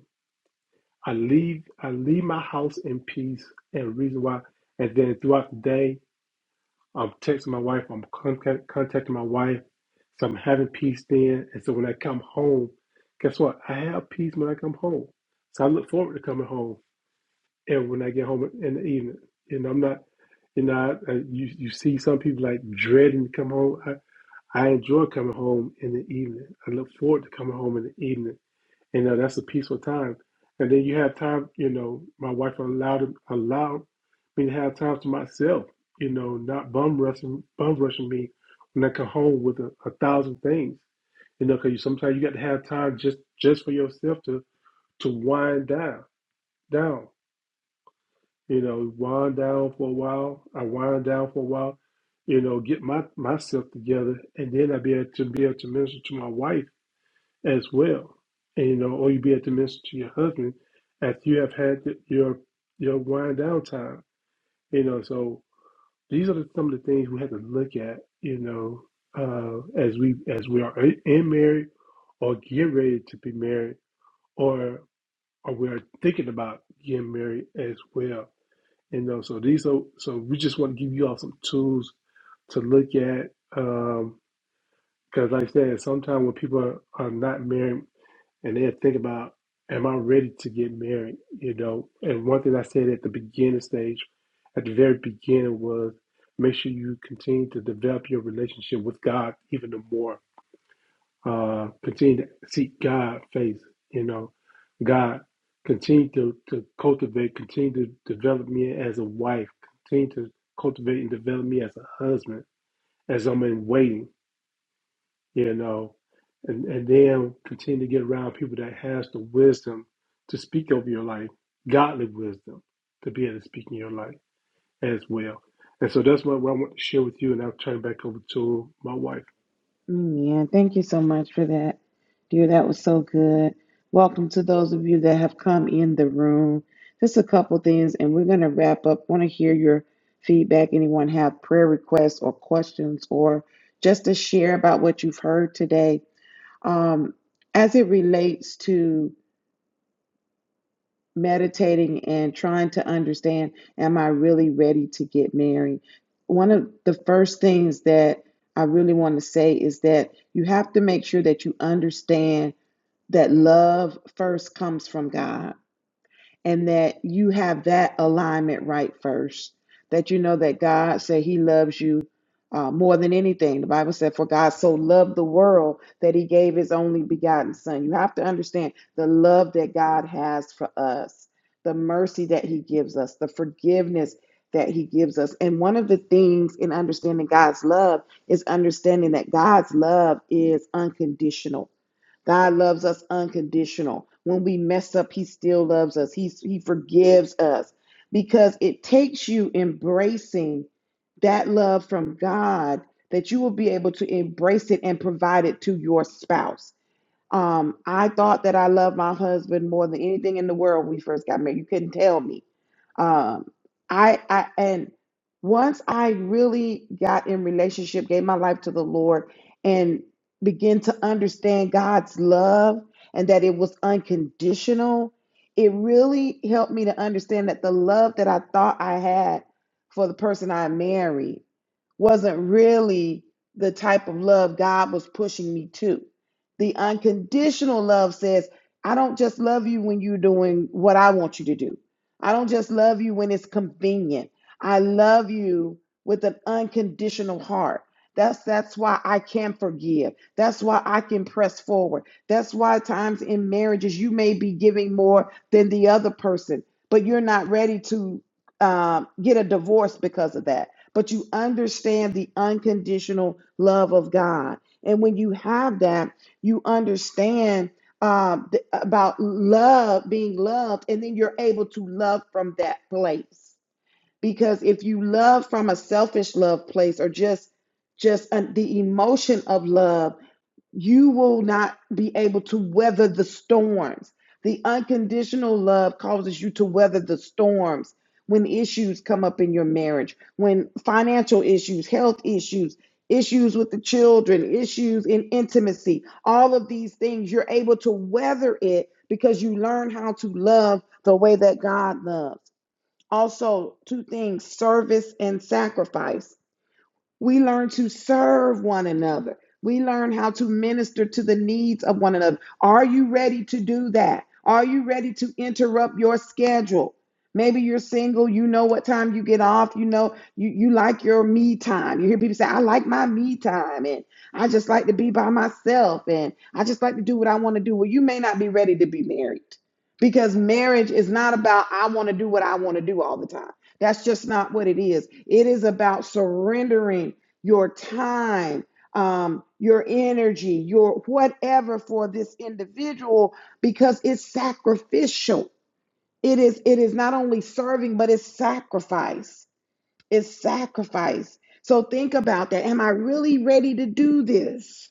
S2: I leave I leave my house in peace, and reason why. And then throughout the day, I'm texting my wife. I'm contact, contacting my wife. So I'm having peace then. And so when I come home, guess what? I have peace when I come home. So I look forward to coming home and when I get home in the evening. And I'm not, you know, I, I, you, you see some people like dreading to come home. I, I enjoy coming home in the evening. I look forward to coming home in the evening you know that's a peaceful time and then you have time you know my wife allowed allowed me to have time to myself you know not bum rushing bum rushing me when i come home with a, a thousand things you know because you, sometimes you got to have time just just for yourself to to wind down down you know wind down for a while i wind down for a while you know get my myself together and then i be able to be able to minister to my wife as well. And you know, or you be at the minister to your husband after you have had the, your your wind down time. You know, so these are the, some of the things we have to look at. You know, uh, as we as we are in married or get ready to be married, or or we are thinking about getting married as well. You know, so these are so we just want to give you all some tools to look at. Um, because like I said, sometimes when people are, are not married and then think about am i ready to get married you know and one thing i said at the beginning stage at the very beginning was make sure you continue to develop your relationship with god even the more uh continue to seek god face you know god continue to, to cultivate continue to develop me as a wife continue to cultivate and develop me as a husband as i'm in waiting you know, and, and then continue to get around people that has the wisdom to speak over your life, godly wisdom to be able to speak in your life as well. And so that's what, what I want to share with you, and I'll turn it back over to my wife.
S1: Mm, Yeah, thank you so much for that, dear. That was so good. Welcome to those of you that have come in the room. Just a couple things, and we're going to wrap up. Want to hear your feedback. Anyone have prayer requests or questions, or just to share about what you've heard today? Um, as it relates to meditating and trying to understand am I really ready to get married? One of the first things that I really want to say is that you have to make sure that you understand that love first comes from God and that you have that alignment right first. That you know that God said He loves you uh, more than anything. The Bible said, For God so loved the world that He gave His only begotten Son. You have to understand the love that God has for us, the mercy that He gives us, the forgiveness that He gives us. And one of the things in understanding God's love is understanding that God's love is unconditional God loves us unconditional. When we mess up, He still loves us. He, he forgives us because it takes you embracing that love from God that you will be able to embrace it and provide it to your spouse. Um, I thought that I loved my husband more than anything in the world when we first got married. You couldn't tell me. Um, I, I, and once I really got in relationship, gave my life to the Lord, and began to understand God's love and that it was unconditional, it really helped me to understand that the love that I thought I had for the person I married wasn't really the type of love God was pushing me to. The unconditional love says, I don't just love you when you're doing what I want you to do. I don't just love you when it's convenient. I love you with an unconditional heart. That's that's why I can forgive. That's why I can press forward. That's why times in marriages you may be giving more than the other person, but you're not ready to um, get a divorce because of that but you understand the unconditional love of God. And when you have that, you understand um, th- about love, being loved, and then you're able to love from that place. Because if you love from a selfish love place or just just uh, the emotion of love, you will not be able to weather the storms. The unconditional love causes you to weather the storms when issues come up in your marriage, when financial issues, health issues, issues with the children, issues in intimacy, all of these things, you're able to weather it because you learn how to love the way that God loves. Also, two things service and sacrifice we learn to serve one another. We learn how to minister to the needs of one another. Are you ready to do that? Are you ready to interrupt your schedule? Maybe you're single, you know what time you get off, you know, you, you like your me time. You hear people say, I like my me time, and I just like to be by myself, and I just like to do what I want to do. Well, you may not be ready to be married because marriage is not about I want to do what I want to do all the time. That's just not what it is. It is about surrendering your time, um, your energy, your whatever for this individual because it's sacrificial. It is it is not only serving, but it's sacrifice. It's sacrifice. So think about that. Am I really ready to do this?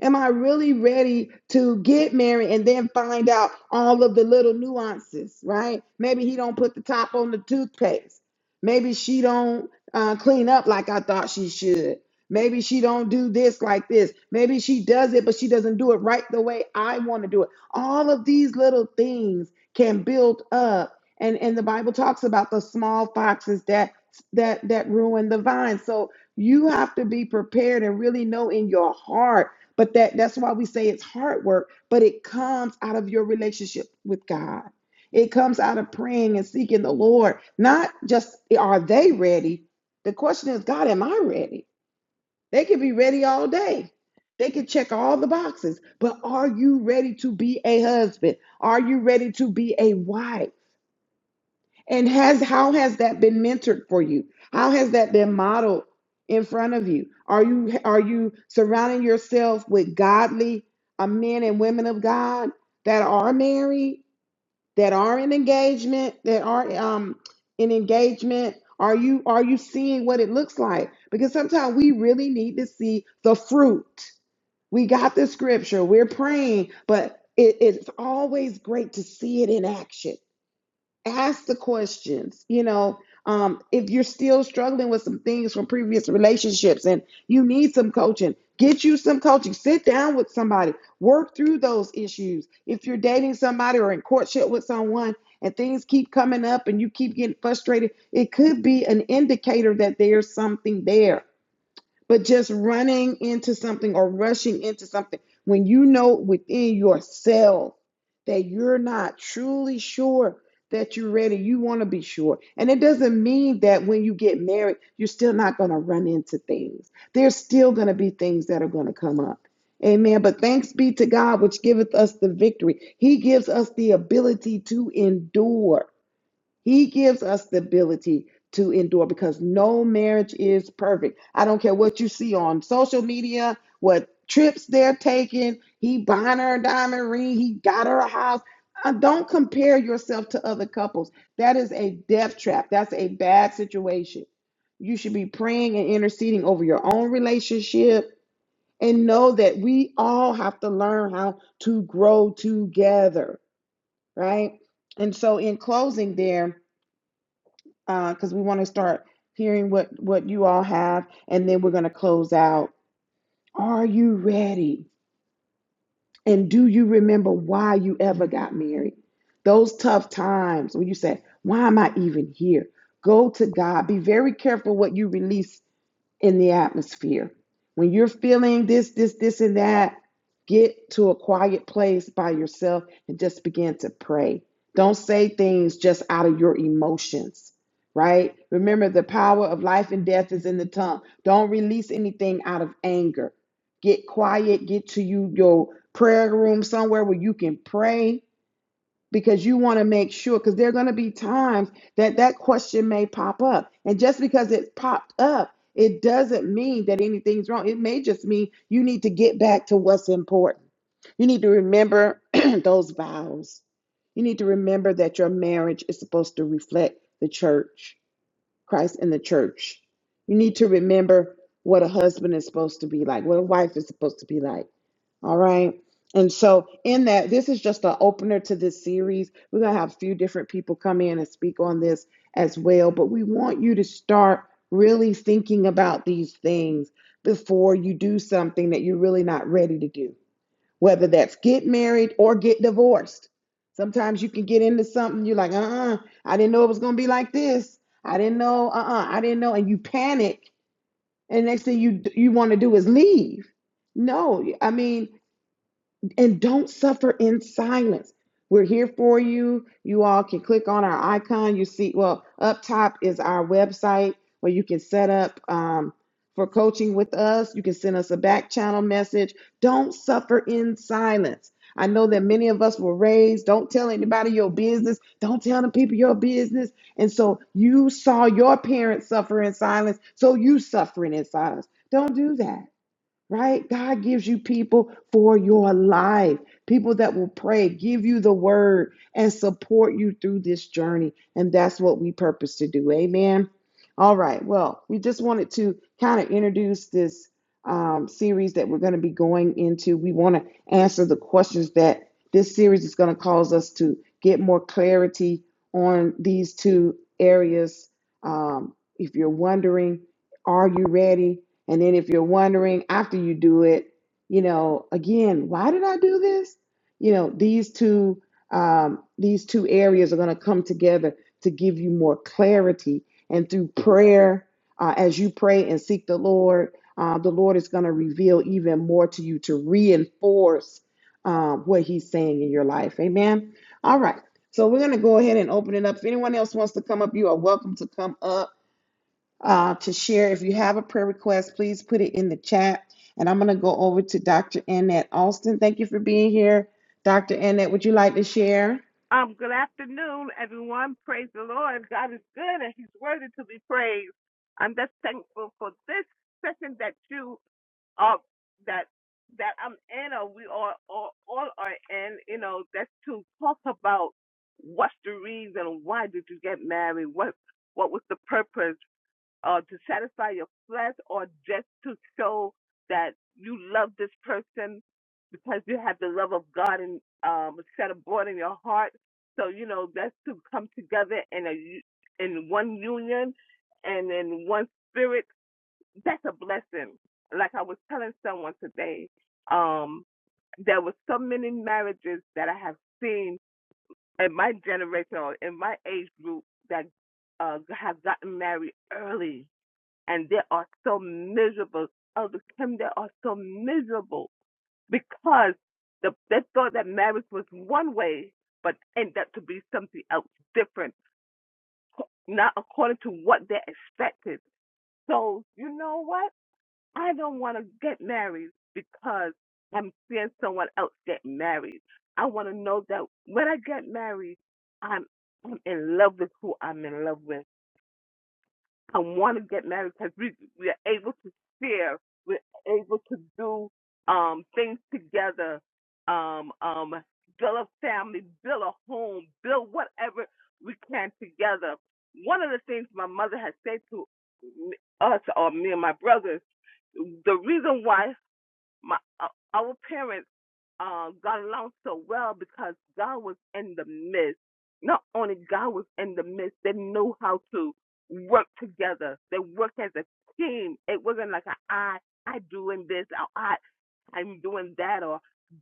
S1: Am I really ready to get married and then find out all of the little nuances, right? Maybe he don't put the top on the toothpaste. Maybe she don't uh, clean up like I thought she should. Maybe she don't do this like this. Maybe she does it, but she doesn't do it right the way I want to do it. All of these little things can build up. And, and the Bible talks about the small foxes that that that ruin the vine. So you have to be prepared and really know in your heart but that that's why we say it's hard work, but it comes out of your relationship with God. It comes out of praying and seeking the Lord. Not just are they ready? The question is, God, am I ready? They can be ready all day. They can check all the boxes, but are you ready to be a husband? Are you ready to be a wife? And has how has that been mentored for you? How has that been modeled in front of you? Are you are you surrounding yourself with godly uh, men and women of God that are married, that are in engagement, that are um in engagement? Are you are you seeing what it looks like? Because sometimes we really need to see the fruit. We got the scripture, we're praying, but it, it's always great to see it in action ask the questions you know um, if you're still struggling with some things from previous relationships and you need some coaching get you some coaching sit down with somebody work through those issues if you're dating somebody or in courtship with someone and things keep coming up and you keep getting frustrated it could be an indicator that there's something there but just running into something or rushing into something when you know within yourself that you're not truly sure that you're ready, you want to be sure. And it doesn't mean that when you get married, you're still not going to run into things. There's still going to be things that are going to come up. Amen. But thanks be to God, which giveth us the victory. He gives us the ability to endure. He gives us the ability to endure because no marriage is perfect. I don't care what you see on social media, what trips they're taking. He buying her a diamond ring, he got her a house. Uh, don't compare yourself to other couples. That is a death trap. That's a bad situation. You should be praying and interceding over your own relationship and know that we all have to learn how to grow together, right? And so, in closing, there, because we want to start hearing what what you all have and then we're going to close out are you ready and do you remember why you ever got married those tough times when you said why am i even here go to god be very careful what you release in the atmosphere. When you're feeling this, this, this, and that, get to a quiet place by yourself and just begin to pray. Don't say things just out of your emotions, right? Remember, the power of life and death is in the tongue. Don't release anything out of anger. Get quiet, get to you, your prayer room somewhere where you can pray because you want to make sure because there are going to be times that that question may pop up and just because it popped up it doesn't mean that anything's wrong it may just mean you need to get back to what's important you need to remember those vows you need to remember that your marriage is supposed to reflect the church christ and the church you need to remember what a husband is supposed to be like what a wife is supposed to be like all right. And so, in that, this is just an opener to this series. We're going to have a few different people come in and speak on this as well. But we want you to start really thinking about these things before you do something that you're really not ready to do, whether that's get married or get divorced. Sometimes you can get into something, you're like, uh uh I didn't know it was going to be like this. I didn't know, uh uh I didn't know. And you panic. And next thing you, you want to do is leave. No, I mean, and don't suffer in silence. We're here for you. You all can click on our icon. You see, well, up top is our website where you can set up um, for coaching with us. You can send us a back channel message. Don't suffer in silence. I know that many of us were raised, don't tell anybody your business, don't tell the people your business. And so you saw your parents suffer in silence, so you suffering in silence. Don't do that right? God gives you people for your life, people that will pray, give you the word, and support you through this journey. And that's what we purpose to do. Amen. All right. Well, we just wanted to kind of introduce this um, series that we're going to be going into. We want to answer the questions that this series is going to cause us to get more clarity on these two areas. Um, if you're wondering, are you ready? And then if you're wondering after you do it, you know, again, why did I do this? You know, these two um, these two areas are going to come together to give you more clarity. And through prayer, uh, as you pray and seek the Lord, uh, the Lord is going to reveal even more to you to reinforce um, what He's saying in your life. Amen. All right. So we're going to go ahead and open it up. If anyone else wants to come up, you are welcome to come up uh, to share. If you have a prayer request, please put it in the chat. And I'm going to go over to Dr. Annette Austin. Thank you for being here. Dr. Annette, would you like to share?
S3: Um, good afternoon, everyone. Praise the Lord. God is good and he's worthy to be praised. I'm just thankful for this session that you are that that I'm in or we are all, all are in, you know, that's to talk about what's the reason, why did you get married? What what was the purpose? uh, to satisfy your flesh or just to show that you love this person because you have the love of God and um, set abroad in your heart. So you know that's to come together in a u- in one union and in one spirit. That's a blessing. Like I was telling someone today, um, there were so many marriages that I have seen in my generation or in my age group that uh, have gotten married early and they are so miserable. Elder Kim, they are so miserable because the, they thought that marriage was one way, but ended up to be something else different, not according to what they expected. So, you know what? I don't want to get married because I'm seeing someone else get married. I want to know that when I get married, I'm, I'm in love with who I'm in love with. I want to get married because we we are able to share, we're able to do um things together, um um build a family, build a home, build whatever we can together. One of the things my mother had said to us or me and my brothers, the reason why my uh, our parents uh, got along so well because God was in the midst. Not only God was in the midst, they knew how to work together. They worked as a team. It wasn't like a, I I doing this or I I'm doing that or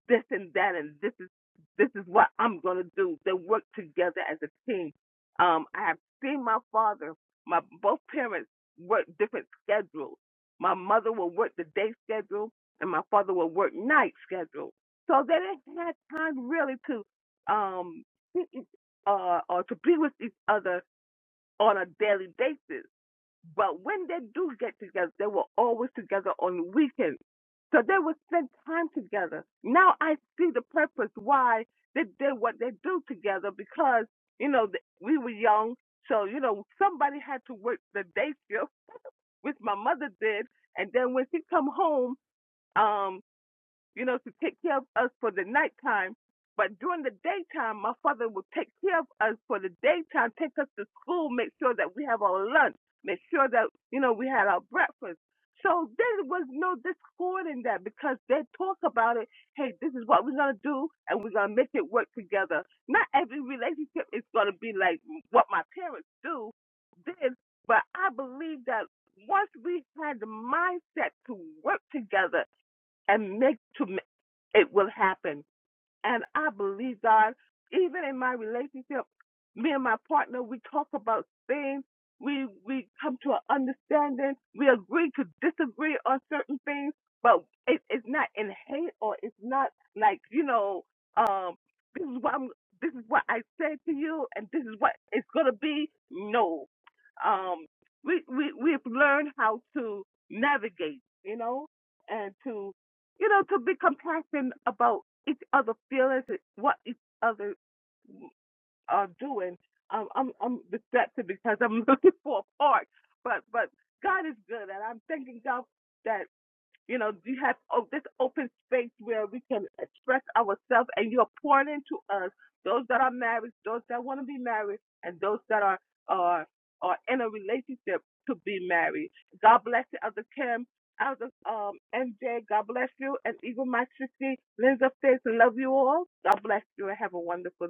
S3: this and that and this is this is what I'm gonna do. They worked together as a team. Um, I have seen my father, my both parents work different schedules. My mother will work the day schedule and my father would work night schedule. So they didn't have time really to um see each- uh or to be with each other on a daily basis. But when they do get together, they were always together on the weekends. So they would spend time together. Now I see the purpose why they did what they do together because, you know, th- we were young. So, you know, somebody had to work the day shift, which my mother did. And then when she come home, um, you know, to take care of us for the nighttime. But during the daytime, my father would take care of us for the daytime, take us to school, make sure that we have our lunch, make sure that, you know, we had our breakfast. So there was no discord in that because they talk about it. Hey, this is what we're going to do and we're going to make it work together. Not every relationship is going to be like what my parents do, did, but I believe that once we had the mindset to work together, and make to ma- it will happen. And I believe God, even in my relationship, me and my partner, we talk about things. We we come to an understanding. We agree to disagree on certain things, but it, it's not in hate or it's not like you know. Um, this is what I'm. This is what I said to you, and this is what it's gonna be. No, um, we we we've learned how to navigate, you know, and to you know, to be compassionate about each other' feelings, what each other are doing. Um, I'm I'm distracted because I'm looking for a park, but but God is good, and I'm thanking God that. You know, you have oh, this open space where we can express ourselves, and you're pouring into us those that are married, those that want to be married, and those that are are are in a relationship to be married. God bless you, Elder Kim, Elder um, MJ. God bless you, and Eagle Majesty, Linda Fitz. Love you all. God bless you, and have a wonderful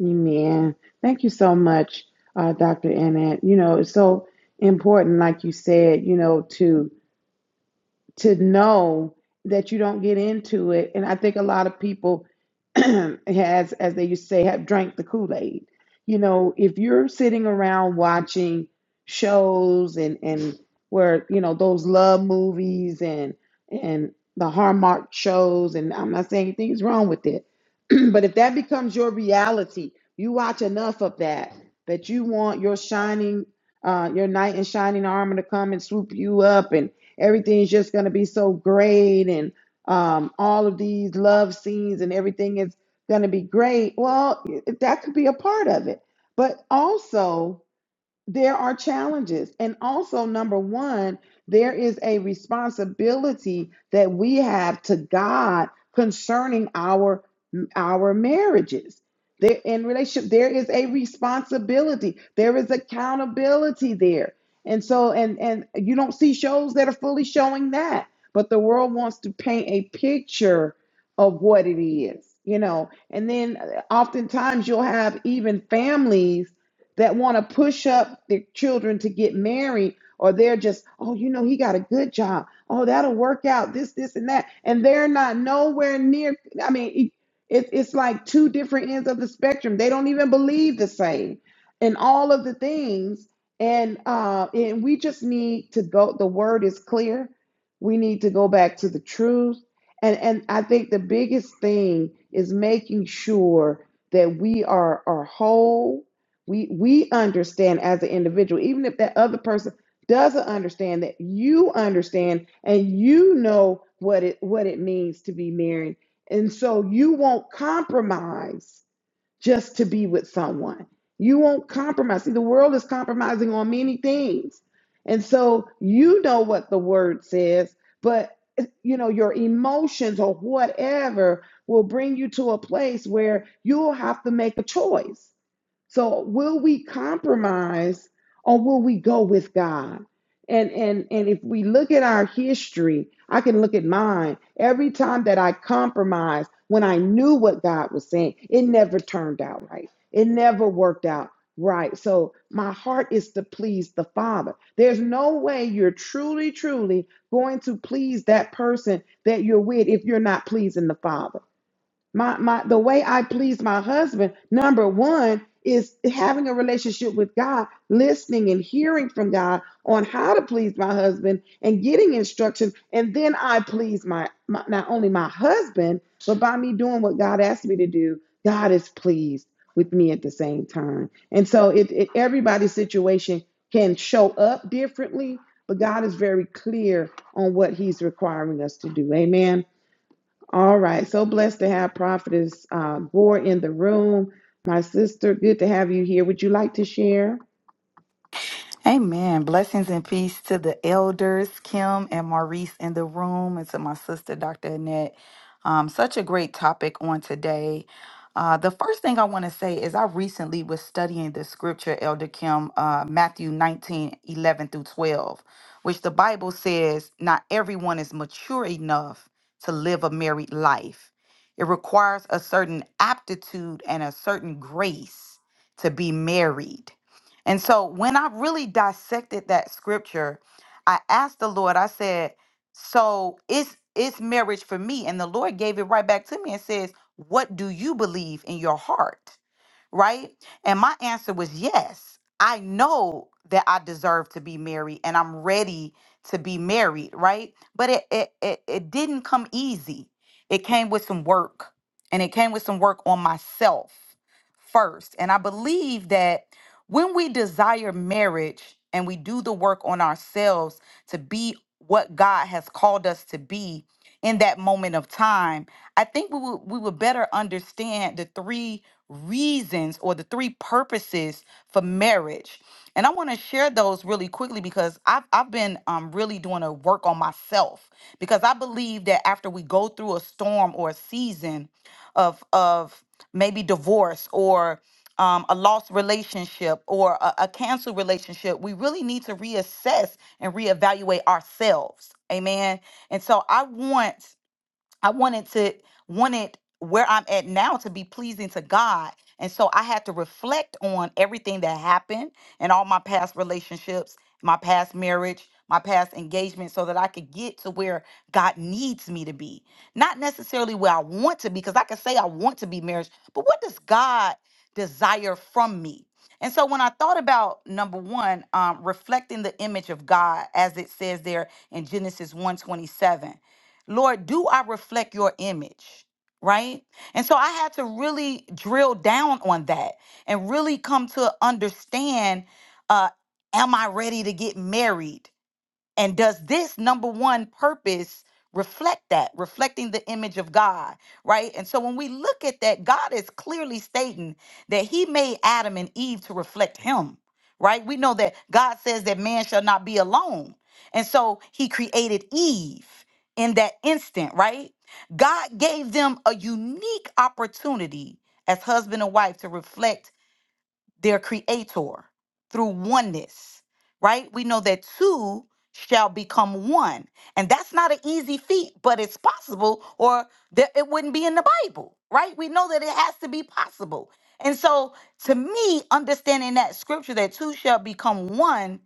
S1: Amen. Thank you so much, uh, Dr. Annette. You know, it's so important, like you said, you know, to to know that you don't get into it. And I think a lot of people has, as they used to say, have drank the Kool-Aid. You know, if you're sitting around watching shows and and where, you know, those love movies and and the Hallmark shows, and I'm not saying anything's wrong with it, but if that becomes your reality, you watch enough of that that you want your shining, uh, your knight in shining armor to come and swoop you up and everything's just going to be so great and um, all of these love scenes and everything is going to be great. Well, that could be a part of it. But also, there are challenges. And also, number one, there is a responsibility that we have to God concerning our our marriages. There in relationship, there is a responsibility. There is accountability there. And so, and and you don't see shows that are fully showing that, but the world wants to paint a picture of what it is, you know. And then, uh, oftentimes, you'll have even families that want to push up their children to get married, or they're just, oh, you know, he got a good job. Oh, that'll work out. This, this, and that, and they're not nowhere near. I mean, it, it's like two different ends of the spectrum. They don't even believe the same, and all of the things. And uh, and we just need to go. The word is clear. We need to go back to the truth. And and I think the biggest thing is making sure that we are are whole we we understand as an individual, even if that other person doesn't understand that you understand and you know what it what it means to be married. And so you won't compromise just to be with someone. You won't compromise. See, the world is compromising on many things. And so you know what the word says, but you know, your emotions or whatever will bring you to a place where you'll have to make a choice so will we compromise or will we go with God? And and and if we look at our history, I can look at mine. Every time that I compromised when I knew what God was saying, it never turned out right. It never worked out right. So my heart is to please the Father. There's no way you're truly truly going to please that person that you're with if you're not pleasing the Father my my the way I please my husband number 1 is having a relationship with God, listening and hearing from God on how to please my husband and getting instruction and then I please my, my not only my husband, but by me doing what God asked me to do, God is pleased with me at the same time. And so it, it everybody's situation can show up differently, but God is very clear on what he's requiring us to do. Amen. All right. So blessed to have Prophetess uh, Gore in the room. My sister, good to have you here. Would you like to share?
S4: Amen. Blessings and peace to the elders, Kim and Maurice in the room, and to my sister, Dr. Annette. Um, such a great topic on today. Uh, the first thing I want to say is I recently was studying the scripture, Elder Kim, uh, Matthew 19 11 through 12, which the Bible says not everyone is mature enough to live a married life. It requires a certain aptitude and a certain grace to be married. And so when I really dissected that scripture, I asked the Lord, I said, So is is marriage for me? And the Lord gave it right back to me and says, What do you believe in your heart? right? And my answer was yes. I know that I deserve to be married and I'm ready to be married, right? But it it it, it didn't come easy. It came with some work. And it came with some work on myself first. And I believe that when we desire marriage and we do the work on ourselves to be what God has called us to be in that moment of time, I think we would we would better understand the three reasons or the three purposes for marriage. And I want to share those really quickly because I've, I've been um, really doing a work on myself because I believe that after we go through a storm or a season of, of maybe divorce or um, a lost relationship or a, a canceled relationship, we really need to reassess and reevaluate ourselves. Amen. And so I want I wanted to wanted where I'm at now to be pleasing to God. And so I had to reflect on everything that happened and all my past relationships, my past marriage, my past engagement so that I could get to where God needs me to be. Not necessarily where I want to be because I can say I want to be married, but what does God desire from me? And so when I thought about number one, um, reflecting the image of God as it says there in Genesis 127, Lord, do I reflect your image? Right? And so I had to really drill down on that and really come to understand uh, am I ready to get married? And does this number one purpose reflect that, reflecting the image of God, right? And so when we look at that, God is clearly stating that He made Adam and Eve to reflect Him, right? We know that God says that man shall not be alone. And so He created Eve in that instant, right? God gave them a unique opportunity as husband and wife to reflect their creator through oneness, right? We know that two shall become one. And that's not an easy feat, but it's possible, or that it wouldn't be in the Bible, right? We know that it has to be possible. And so, to me, understanding that scripture that two shall become one,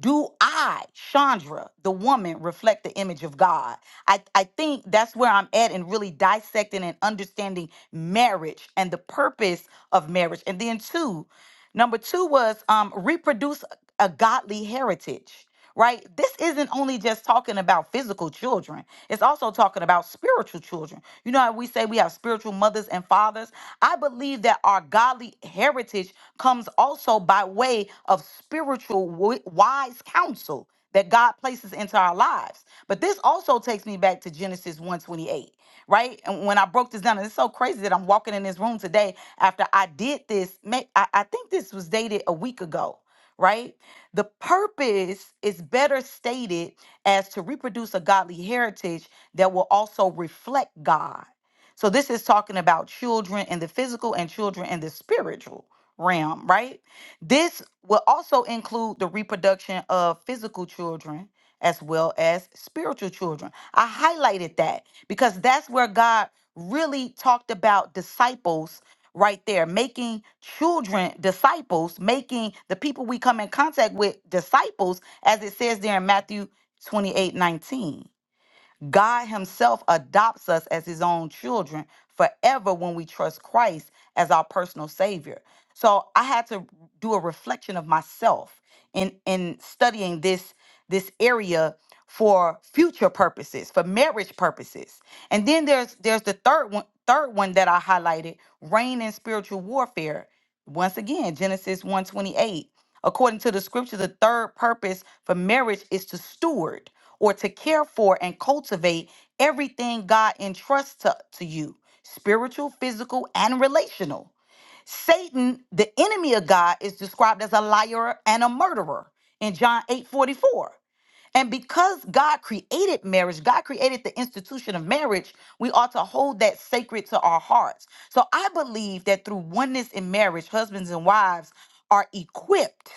S4: do I, Chandra, the woman, reflect the image of God? I, I think that's where I'm at in really dissecting and understanding marriage and the purpose of marriage. And then, two. Number two was um, reproduce a godly heritage, right? This isn't only just talking about physical children, it's also talking about spiritual children. You know how we say we have spiritual mothers and fathers? I believe that our godly heritage comes also by way of spiritual wi- wise counsel that God places into our lives. But this also takes me back to Genesis one twenty-eight right? And when I broke this down, and it's so crazy that I'm walking in this room today after I did this. may- I, I think this was dated a week ago, right? The purpose is better stated as to reproduce a godly heritage that will also reflect God. So this is talking about children in the physical and children in the spiritual realm, right? This will also include the reproduction of physical children as well as spiritual children. I highlighted that because that's where God really talked about disciples right there, making children disciples, making the people we come in contact with disciples, as it says there in Matthew 28 19. God Himself adopts us as His own children forever when we trust Christ as our personal Savior. So I had to do a reflection of myself in in studying this this area for future purposes, for marriage purposes. And then there's there's the third one third one that I highlighted, reign in spiritual warfare. Once again, Genesis 128. According to the scripture, the third purpose for marriage is to steward or to care for and cultivate everything God entrusts to, to you spiritual, physical, and relational. Satan, the enemy of God, is described as a liar and a murderer in John eight forty four. And because God created marriage, God created the institution of marriage, we ought to hold that sacred to our hearts. So I believe that through oneness in marriage, husbands and wives are equipped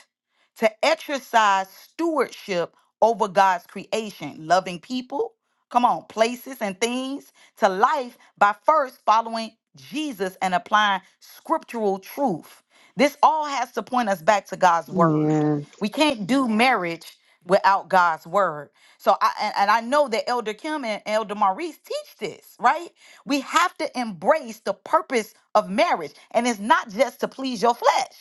S4: to exercise stewardship over God's creation, loving people, come on, places and things to life by first following Jesus and applying scriptural truth. This all has to point us back to God's word.
S1: Man,
S4: We can't do marriage without God's word. So I and, and I know that Elder Kim and Elder Maurice teach this, right? We have to embrace the purpose of marriage. And it's not just to please your flesh.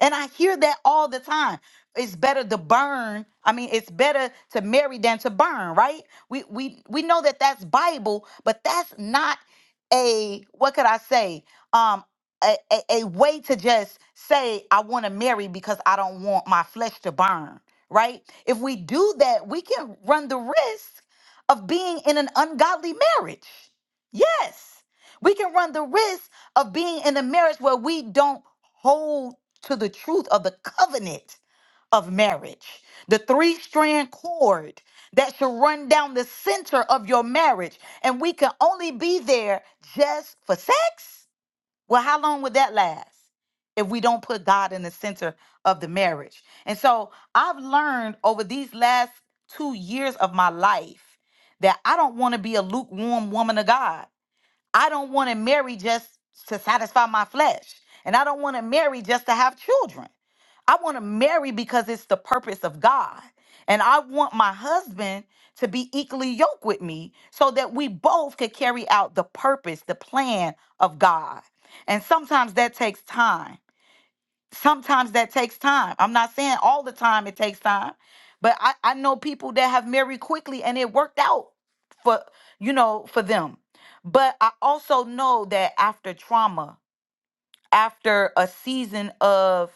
S4: And I hear that all the time. It's better to burn. I mean, it's better to marry than to burn, right? We we we know that that's Bible, but that's not a what could I say? Um, a, a, a way to just say i want to marry because i don't want my flesh to burn right if we do that we can run the risk of being in an ungodly marriage yes we can run the risk of being in a marriage where we don't hold to the truth of the covenant of marriage the three strand cord that should run down the center of your marriage and we can only be there just for sex well, how long would that last if we don't put God in the center of the marriage? And so I've learned over these last two years of my life that I don't want to be a lukewarm woman of God. I don't want to marry just to satisfy my flesh. And I don't want to marry just to have children. I want to marry because it's the purpose of God. And I want my husband to be equally yoked with me so that we both could carry out the purpose, the plan of God. And sometimes that takes time. Sometimes that takes time. I'm not saying all the time it takes time, but I, I know people that have married quickly and it worked out for, you know, for them. But I also know that after trauma, after a season of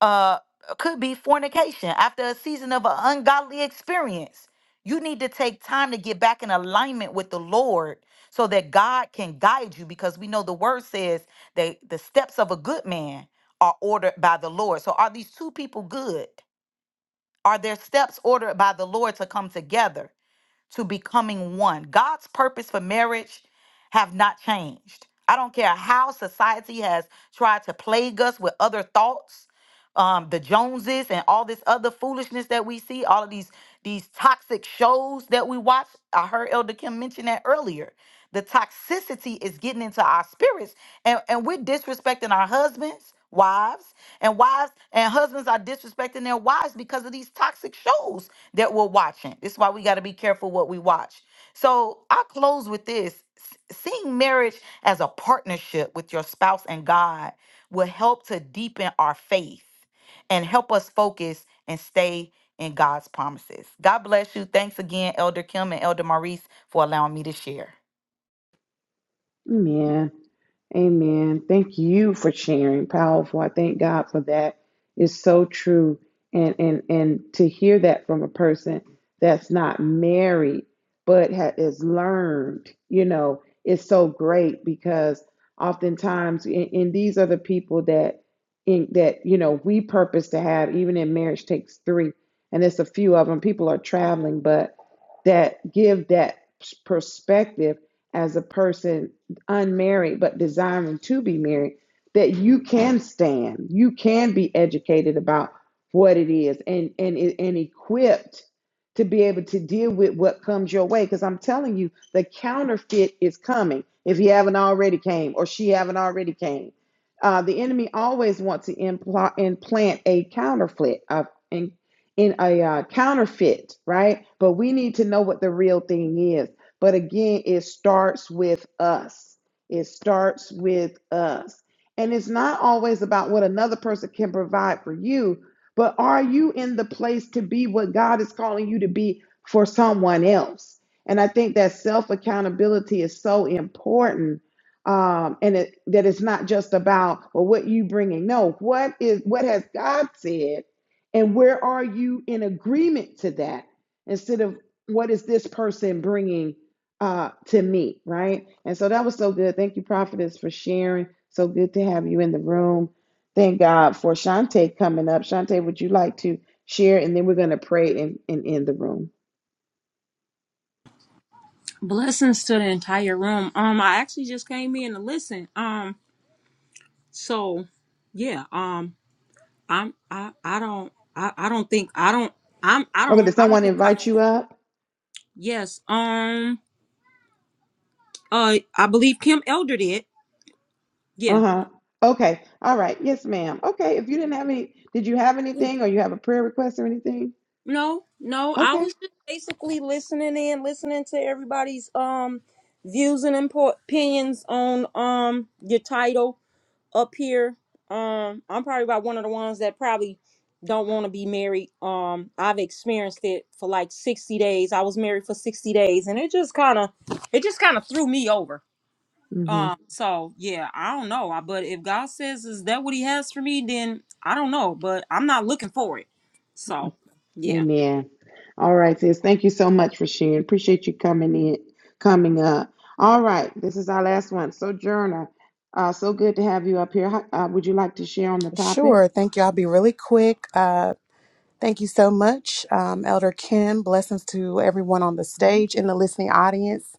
S4: uh could be fornication after a season of an ungodly experience you need to take time to get back in alignment with the lord so that god can guide you because we know the word says that the steps of a good man are ordered by the lord so are these two people good are their steps ordered by the lord to come together to becoming one. God's purpose for marriage have not changed. I don't care how society has tried to plague us with other thoughts, um, the Joneses and all this other foolishness that we see, all of these these toxic shows that we watch. I heard Elder Kim mention that earlier. The toxicity is getting into our spirits, and, and we're disrespecting our husbands, wives, and wives and husbands are disrespecting their wives because of these toxic shows that we're watching. This is why we got to be careful what we watch. So I close with this S- seeing marriage as a partnership with your spouse and God will help to deepen our faith and help us focus and stay in God's promises. God bless you. Thanks again, Elder Kim and Elder Maurice, for allowing me to share.
S1: man. Amen. Thank you for sharing. Powerful. I thank God for that. It's so true. And and and to hear that from a person that's not married but has learned, you know, is so great because oftentimes and, and these are the people that in that you know we purpose to have even in marriage takes three and there's a few of them people are traveling but that give that perspective as a person unmarried but desiring to be married, that you can stand, you can be educated about what it is and and and equipped to be able to deal with what comes your way because I'm telling you the counterfeit is coming if he haven't already came or she haven't already came. Uh, the enemy always wants to impl- implant a counterfeit of in, in a uh, counterfeit, right? But we need to know what the real thing is. But again, it starts with us. It starts with us. And it's not always about what another person can provide for you, but are you in the place to be what God is calling you to be for someone else? And I think that self accountability is so important. Um, and it, that it's not just about well, what you bringing. No, what is what has God said, and where are you in agreement to that? Instead of what is this person bringing uh, to me, right? And so that was so good. Thank you, Prophetess, for sharing. So good to have you in the room. Thank God for Shantae coming up. Shantae, would you like to share? And then we're going to pray and, and end the room.
S5: Blessings to the entire room. Um, I actually just came in to listen. Um, so yeah. Um, I'm I I don't I I don't think I don't I'm I
S1: Okay,
S5: don't
S1: did
S5: I don't
S1: someone
S5: think I
S1: invite you up?
S5: yes. Um, uh, I believe Kim Elder did.
S1: Uh
S5: Yeah.
S1: huh. Okay. All right. Yes, ma'am. Okay. If you didn't have any, did you have anything or you have a prayer request or anything?
S5: No, no. I
S1: Okay.
S5: was just basically listening in, listening to everybody's um views and impo- opinions on um your title. up here. Um, I'm probably about one of the ones that probably don't want to be married. Um, I've experienced it for like 60 days. I was married for 60 days, and it just kind of, it just kind of threw me over.
S1: Mm-hmm.
S5: Um, so yeah, I don't know. I, but if God says is that what He has for me, then I don't know. But I'm not looking for it. So yeah.
S1: Amen. All right, sis. Thank you so much for sharing. Appreciate you coming in, coming up. All right, this is our last one. Sojourner, uh, so good to have you up here. How, uh, would you like to share on the topic?
S6: Sure. Thank you. I'll be really quick. Uh, thank you so much, um, Elder Kim. Blessings to everyone on the stage and the listening audience.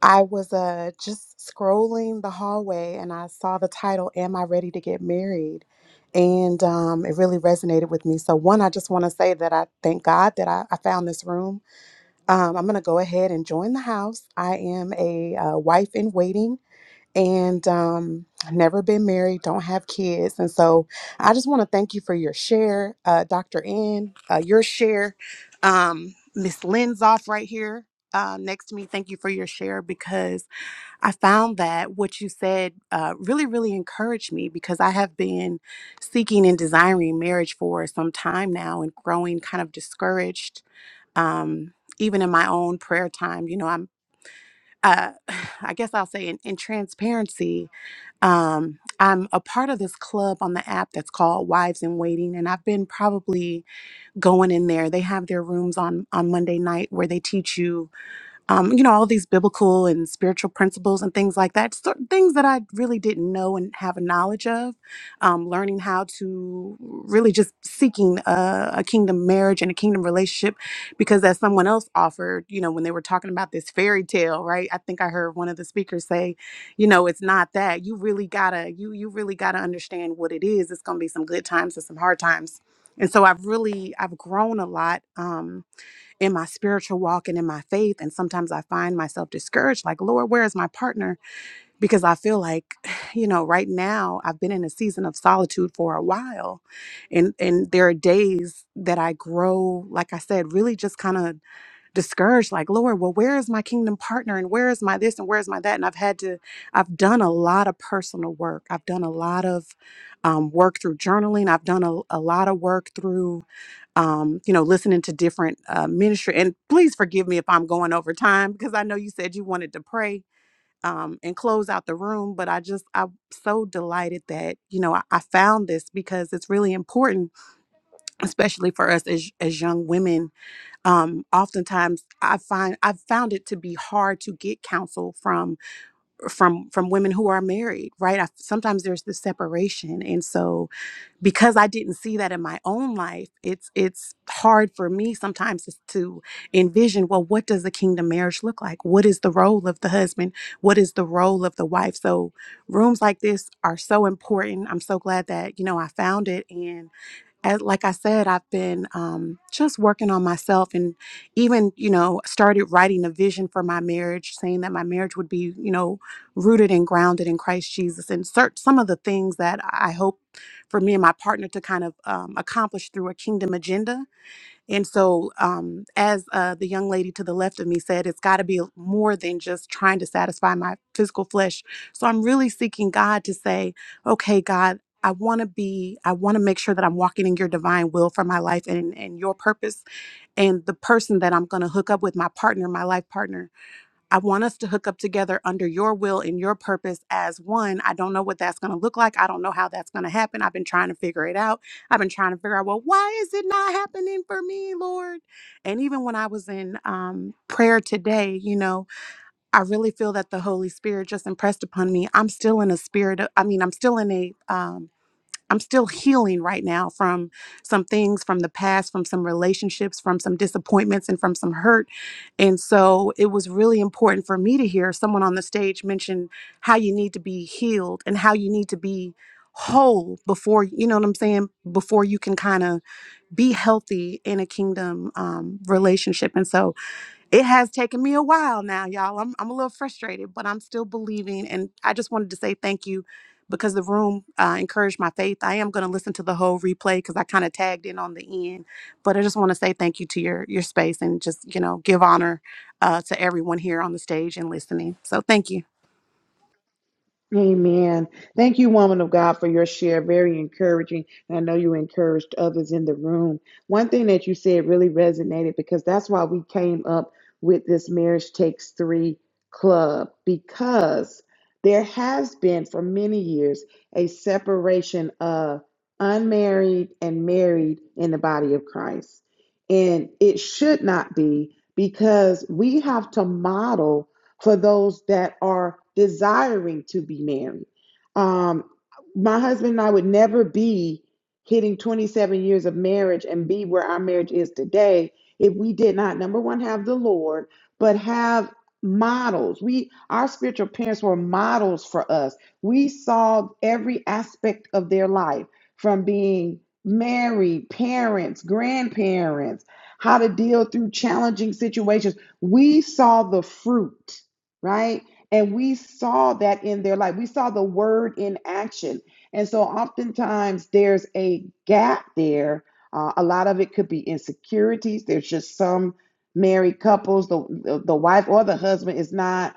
S6: I was uh, just scrolling the hallway and I saw the title, Am I Ready to Get Married? And um, it really resonated with me. So, one, I just want to say that I thank God that I, I found this room. Um, I'm going to go ahead and join the house. I am a uh, wife in waiting and um never been married don't have kids and so i just want to thank you for your share uh dr n uh, your share um miss lynn's off right here uh, next to me thank you for your share because i found that what you said uh, really really encouraged me because i have been seeking and desiring marriage for some time now and growing kind of discouraged um, even in my own prayer time you know i'm uh, i guess i'll say in, in transparency um, I'm a part of this club on the app that's called Wives in Waiting, and I've been probably going in there. They have their rooms on on Monday night where they teach you um, you know, all these biblical and spiritual principles and things like that, sort things that I really didn't know and have a knowledge of, um, learning how to really just seeking a, a kingdom marriage and a kingdom relationship. Because as someone else offered, you know, when they were talking about this fairy tale, right? I think I heard one of the speakers say, you know, it's not that. You really gotta, you you really gotta understand what it is. It's gonna be some good times and some hard times. And so I've really, I've grown a lot. Um, in my spiritual walk and in my faith. And sometimes I find myself discouraged, like, Lord, where is my partner? Because I feel like, you know, right now I've been in a season of solitude for a while. And and there are days that I grow, like I said, really just kind of discouraged, like, Lord, well, where is my kingdom partner? And where is my this and where is my that? And I've had to, I've done a lot of personal work. I've done a lot of um, work through journaling. I've done a, a lot of work through um, you know, listening to different uh, ministry. And please forgive me if I'm going over time because I know you said you wanted to pray um, and close out the room. But I just, I'm so delighted that, you know, I, I found this because it's really important, especially for us as, as young women. Um, oftentimes I find, I've found it to be hard to get counsel from, from, from women who are married, right? I, sometimes there's the separation. And so, because I didn't see that in my own life, it's it's hard for me sometimes is to envision, well, what does a kingdom marriage look like? What is the role of the husband? What is the role of the wife? So rooms like this are so important. I'm so glad that, you know, I found it and as like I said, I've been um, just working on myself, and even you know started writing a vision for my marriage, saying that my marriage would be you know rooted and grounded in Christ Jesus, and search some of the things that I hope for me and my partner to kind of um, accomplish through a kingdom agenda and so, um, as uh, the young lady to the left of me said, it's got to be more than just trying to satisfy my physical flesh. So, I'm really seeking God to say, okay, God, I want to be, I want to make sure that I'm walking in your divine will for my life and, and your purpose and the person that I'm going to hook up with, my partner, my life partner. I want us to hook up together under your will and your purpose as one. I don't know what that's going to look like. I don't know how that's going to happen. I've been trying to figure it out. I've been trying to figure out, well, why is it not happening for me, Lord? And even when I was in um, prayer today, you know, I really feel that the Holy Spirit just impressed upon me. I'm still in a spirit of, I mean, I'm still in a, um, I'm still healing right now from some things from the past, from some relationships, from some disappointments, and from some hurt. And so it was really important for me to hear someone on the stage mention how you need to be healed and how you need to be whole before, you know what I'm saying, before you can kind of be healthy in a kingdom um, relationship. And so it has taken me a while now, y'all. I'm I'm a little frustrated, but I'm still believing. And I just wanted to say thank you because the room uh, encouraged my faith. I am going to listen to the whole replay because I kind of tagged in on the end. But I just want to say thank you to your your space and just you know give honor uh, to everyone here on the stage and listening. So thank you.
S1: Amen. Thank you, woman of God, for your share. Very encouraging. And I know you encouraged others in the room. One thing that you said really resonated because that's why we came up with this Marriage Takes Three Club because there has been for many years a separation of unmarried and married in the body of Christ. And it should not be because we have to model for those that are desiring to be married. Um, my husband and I would never be hitting 27 years of marriage and be where our marriage is today if we did not, number one, have the Lord, but have models. We our spiritual parents were models for us. We saw every aspect of their life from being married, parents, grandparents, how to deal through challenging situations. We saw the fruit right? And we saw that in their life. We saw the word in action. And so oftentimes there's a gap there. Uh, a lot of it could be insecurities. There's just some married couples, the, the the wife or the husband is not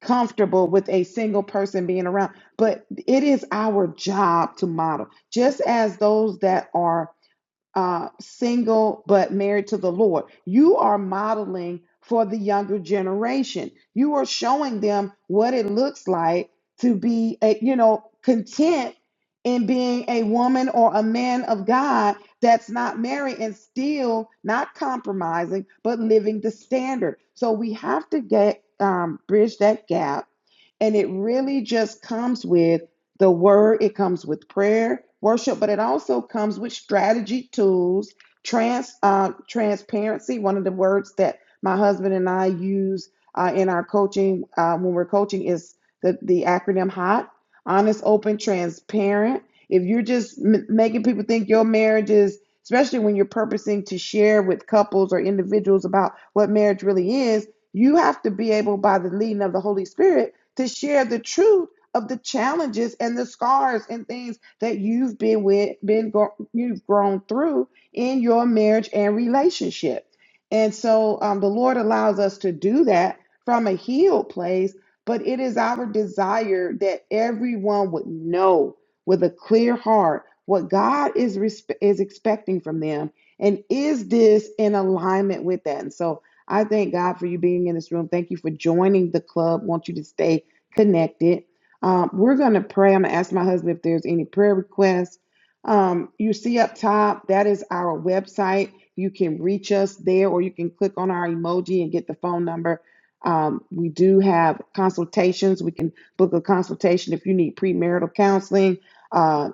S1: comfortable with a single person being around. But it is our job to model. Just as those that are uh, single but married to the Lord. You are modeling for the younger generation. You are showing them what it looks like to be, a, you know, content in being a woman or a man of God that's not married and still not compromising, but living the standard. So we have to get um, bridge that gap and it really just comes with the word, it comes with prayer, worship, but it also comes with strategy, tools, trans uh, transparency. One of the words that my husband and I use uh, in our coaching uh, when we're coaching is the, the acronym HOT honest, open, transparent. If you're just m- making people think your marriage is, especially when you're purposing to share with couples or individuals about what marriage really is, you have to be able, by the leading of the Holy Spirit, to share the truth of the challenges and the scars and things that you've been with, been go- you've grown through in your marriage and relationship. And so um, the Lord allows us to do that from a healed place, but it is our desire that everyone would know with a clear heart what God is respe- is expecting from them, and is this in alignment with that? And so I thank God for you being in this room. Thank you for joining the club. want you to stay connected. Um, we're going to pray. I'm going to ask my husband if there's any prayer requests. Um, you see up top, that is our website. You can reach us there, or you can click on our emoji and get the phone number. Um, we do have consultations. We can book a consultation if you need premarital counseling. uh,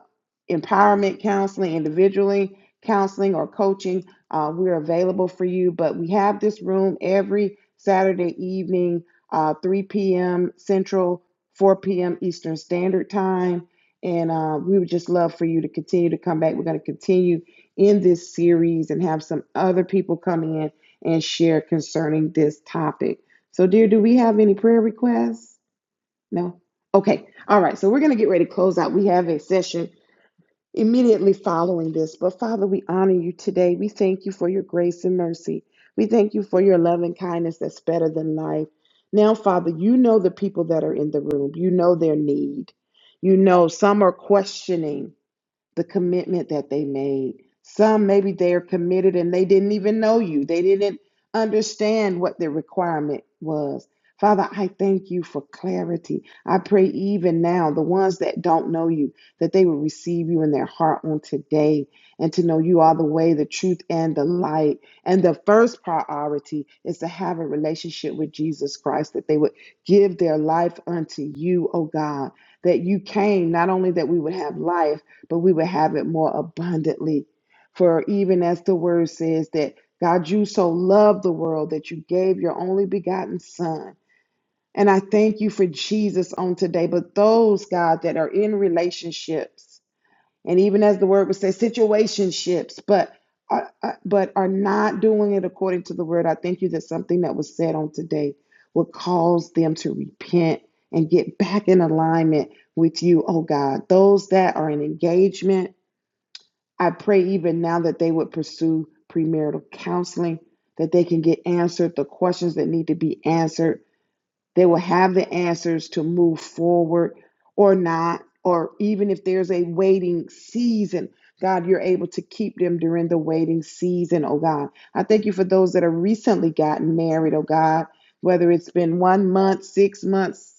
S1: empowerment counseling, individually counseling, or coaching, uh, we're available for you. But we have this room every Saturday evening, uh, 3 p.m. Central, 4 p.m. Eastern Standard Time. And uh, we would just love for you to continue to come back. We're going to continue in this series and have some other people come in and share concerning this topic. So, dear, do we have any prayer requests? No? Okay. All right. So, we're going to get ready to close out. We have a session immediately following this. But Father, we honor you today. We thank you for your grace and mercy. We thank you for your love and kindness that's better than life. Now, Father, you know the people that are in the room, you know their need. You know some are questioning the commitment that they made. Some maybe they are committed and they didn't even know you, they didn't understand what the requirement was. Father, I thank you for clarity. I pray even now, the ones that don't know you, that they will receive you in their heart on today and to know you are the way, the truth, and the light. And the first priority is to have a relationship with Jesus Christ, that they would give their life unto you, oh God, that you came not only that we would have life but we would have it more abundantly. For even as the word says that God, you so loved the world that you gave your only begotten Son. And I thank you for Jesus on today. But those, God, that are in relationships, and even as the word would say, situationships, but are- but are not doing it according to the word. I thank you that something that was said on today will cause them to repent and get back in alignment with you, oh God. Those that are in engagement I pray even now that they would pursue premarital counseling, that they can get answered the questions that need to be answered. They will have the answers to move forward or not, or even if there's a waiting season. God, you're able to keep them during the waiting season, oh God. I thank you for those that are recently gotten married, oh God, whether it's been one month, six months,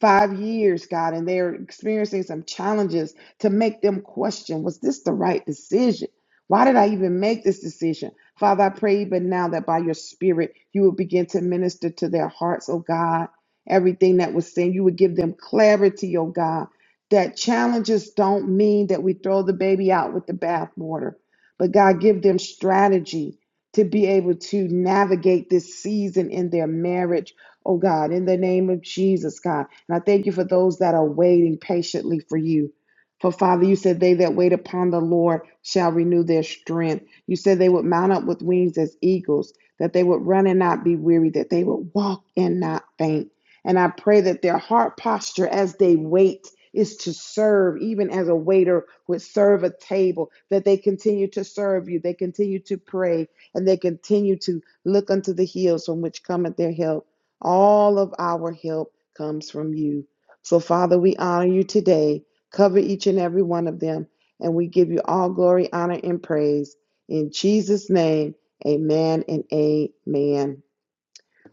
S1: five years, God, and they're experiencing some challenges to make them question was this the right decision? Why did I even make this decision? Father, I pray even now that by your Spirit, you will begin to minister to their hearts, oh God, everything that was said. You would give them clarity, oh God, that challenges don't mean that we throw the baby out with the bathwater, but God, give them strategy to be able to navigate this season in their marriage, oh God, in the name of Jesus, God. And I thank you for those that are waiting patiently for you. For Father, you said, They that wait upon the Lord shall renew their strength. You said they would mount up with wings as eagles, that they would run and not be weary, that they would walk and not faint. And I pray that their heart posture as they wait is to serve, even as a waiter would serve a table, that they continue to serve you, they continue to pray, and they continue to look unto the hills from which cometh their help. All of our help comes from you. So, Father, we honor you today. Cover each and every one of them, and we give you all glory, honor, and praise. In Jesus' name, amen and amen.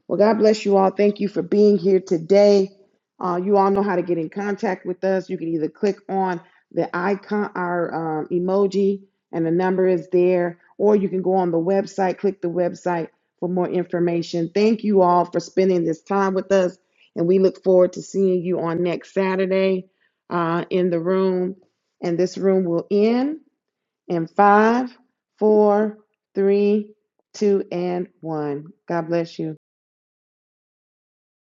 S1: Well, God bless you all. Thank you for being here today. Uh, you all know how to get in contact with us. You can either click on the icon, our um, emoji, and the number is there, or you can go on the website, click the website for more information. Thank you all for spending this time with us, and we look forward to seeing you on next Saturday uh, in the room. And this room will end in five, four, three, two, and one. God bless you.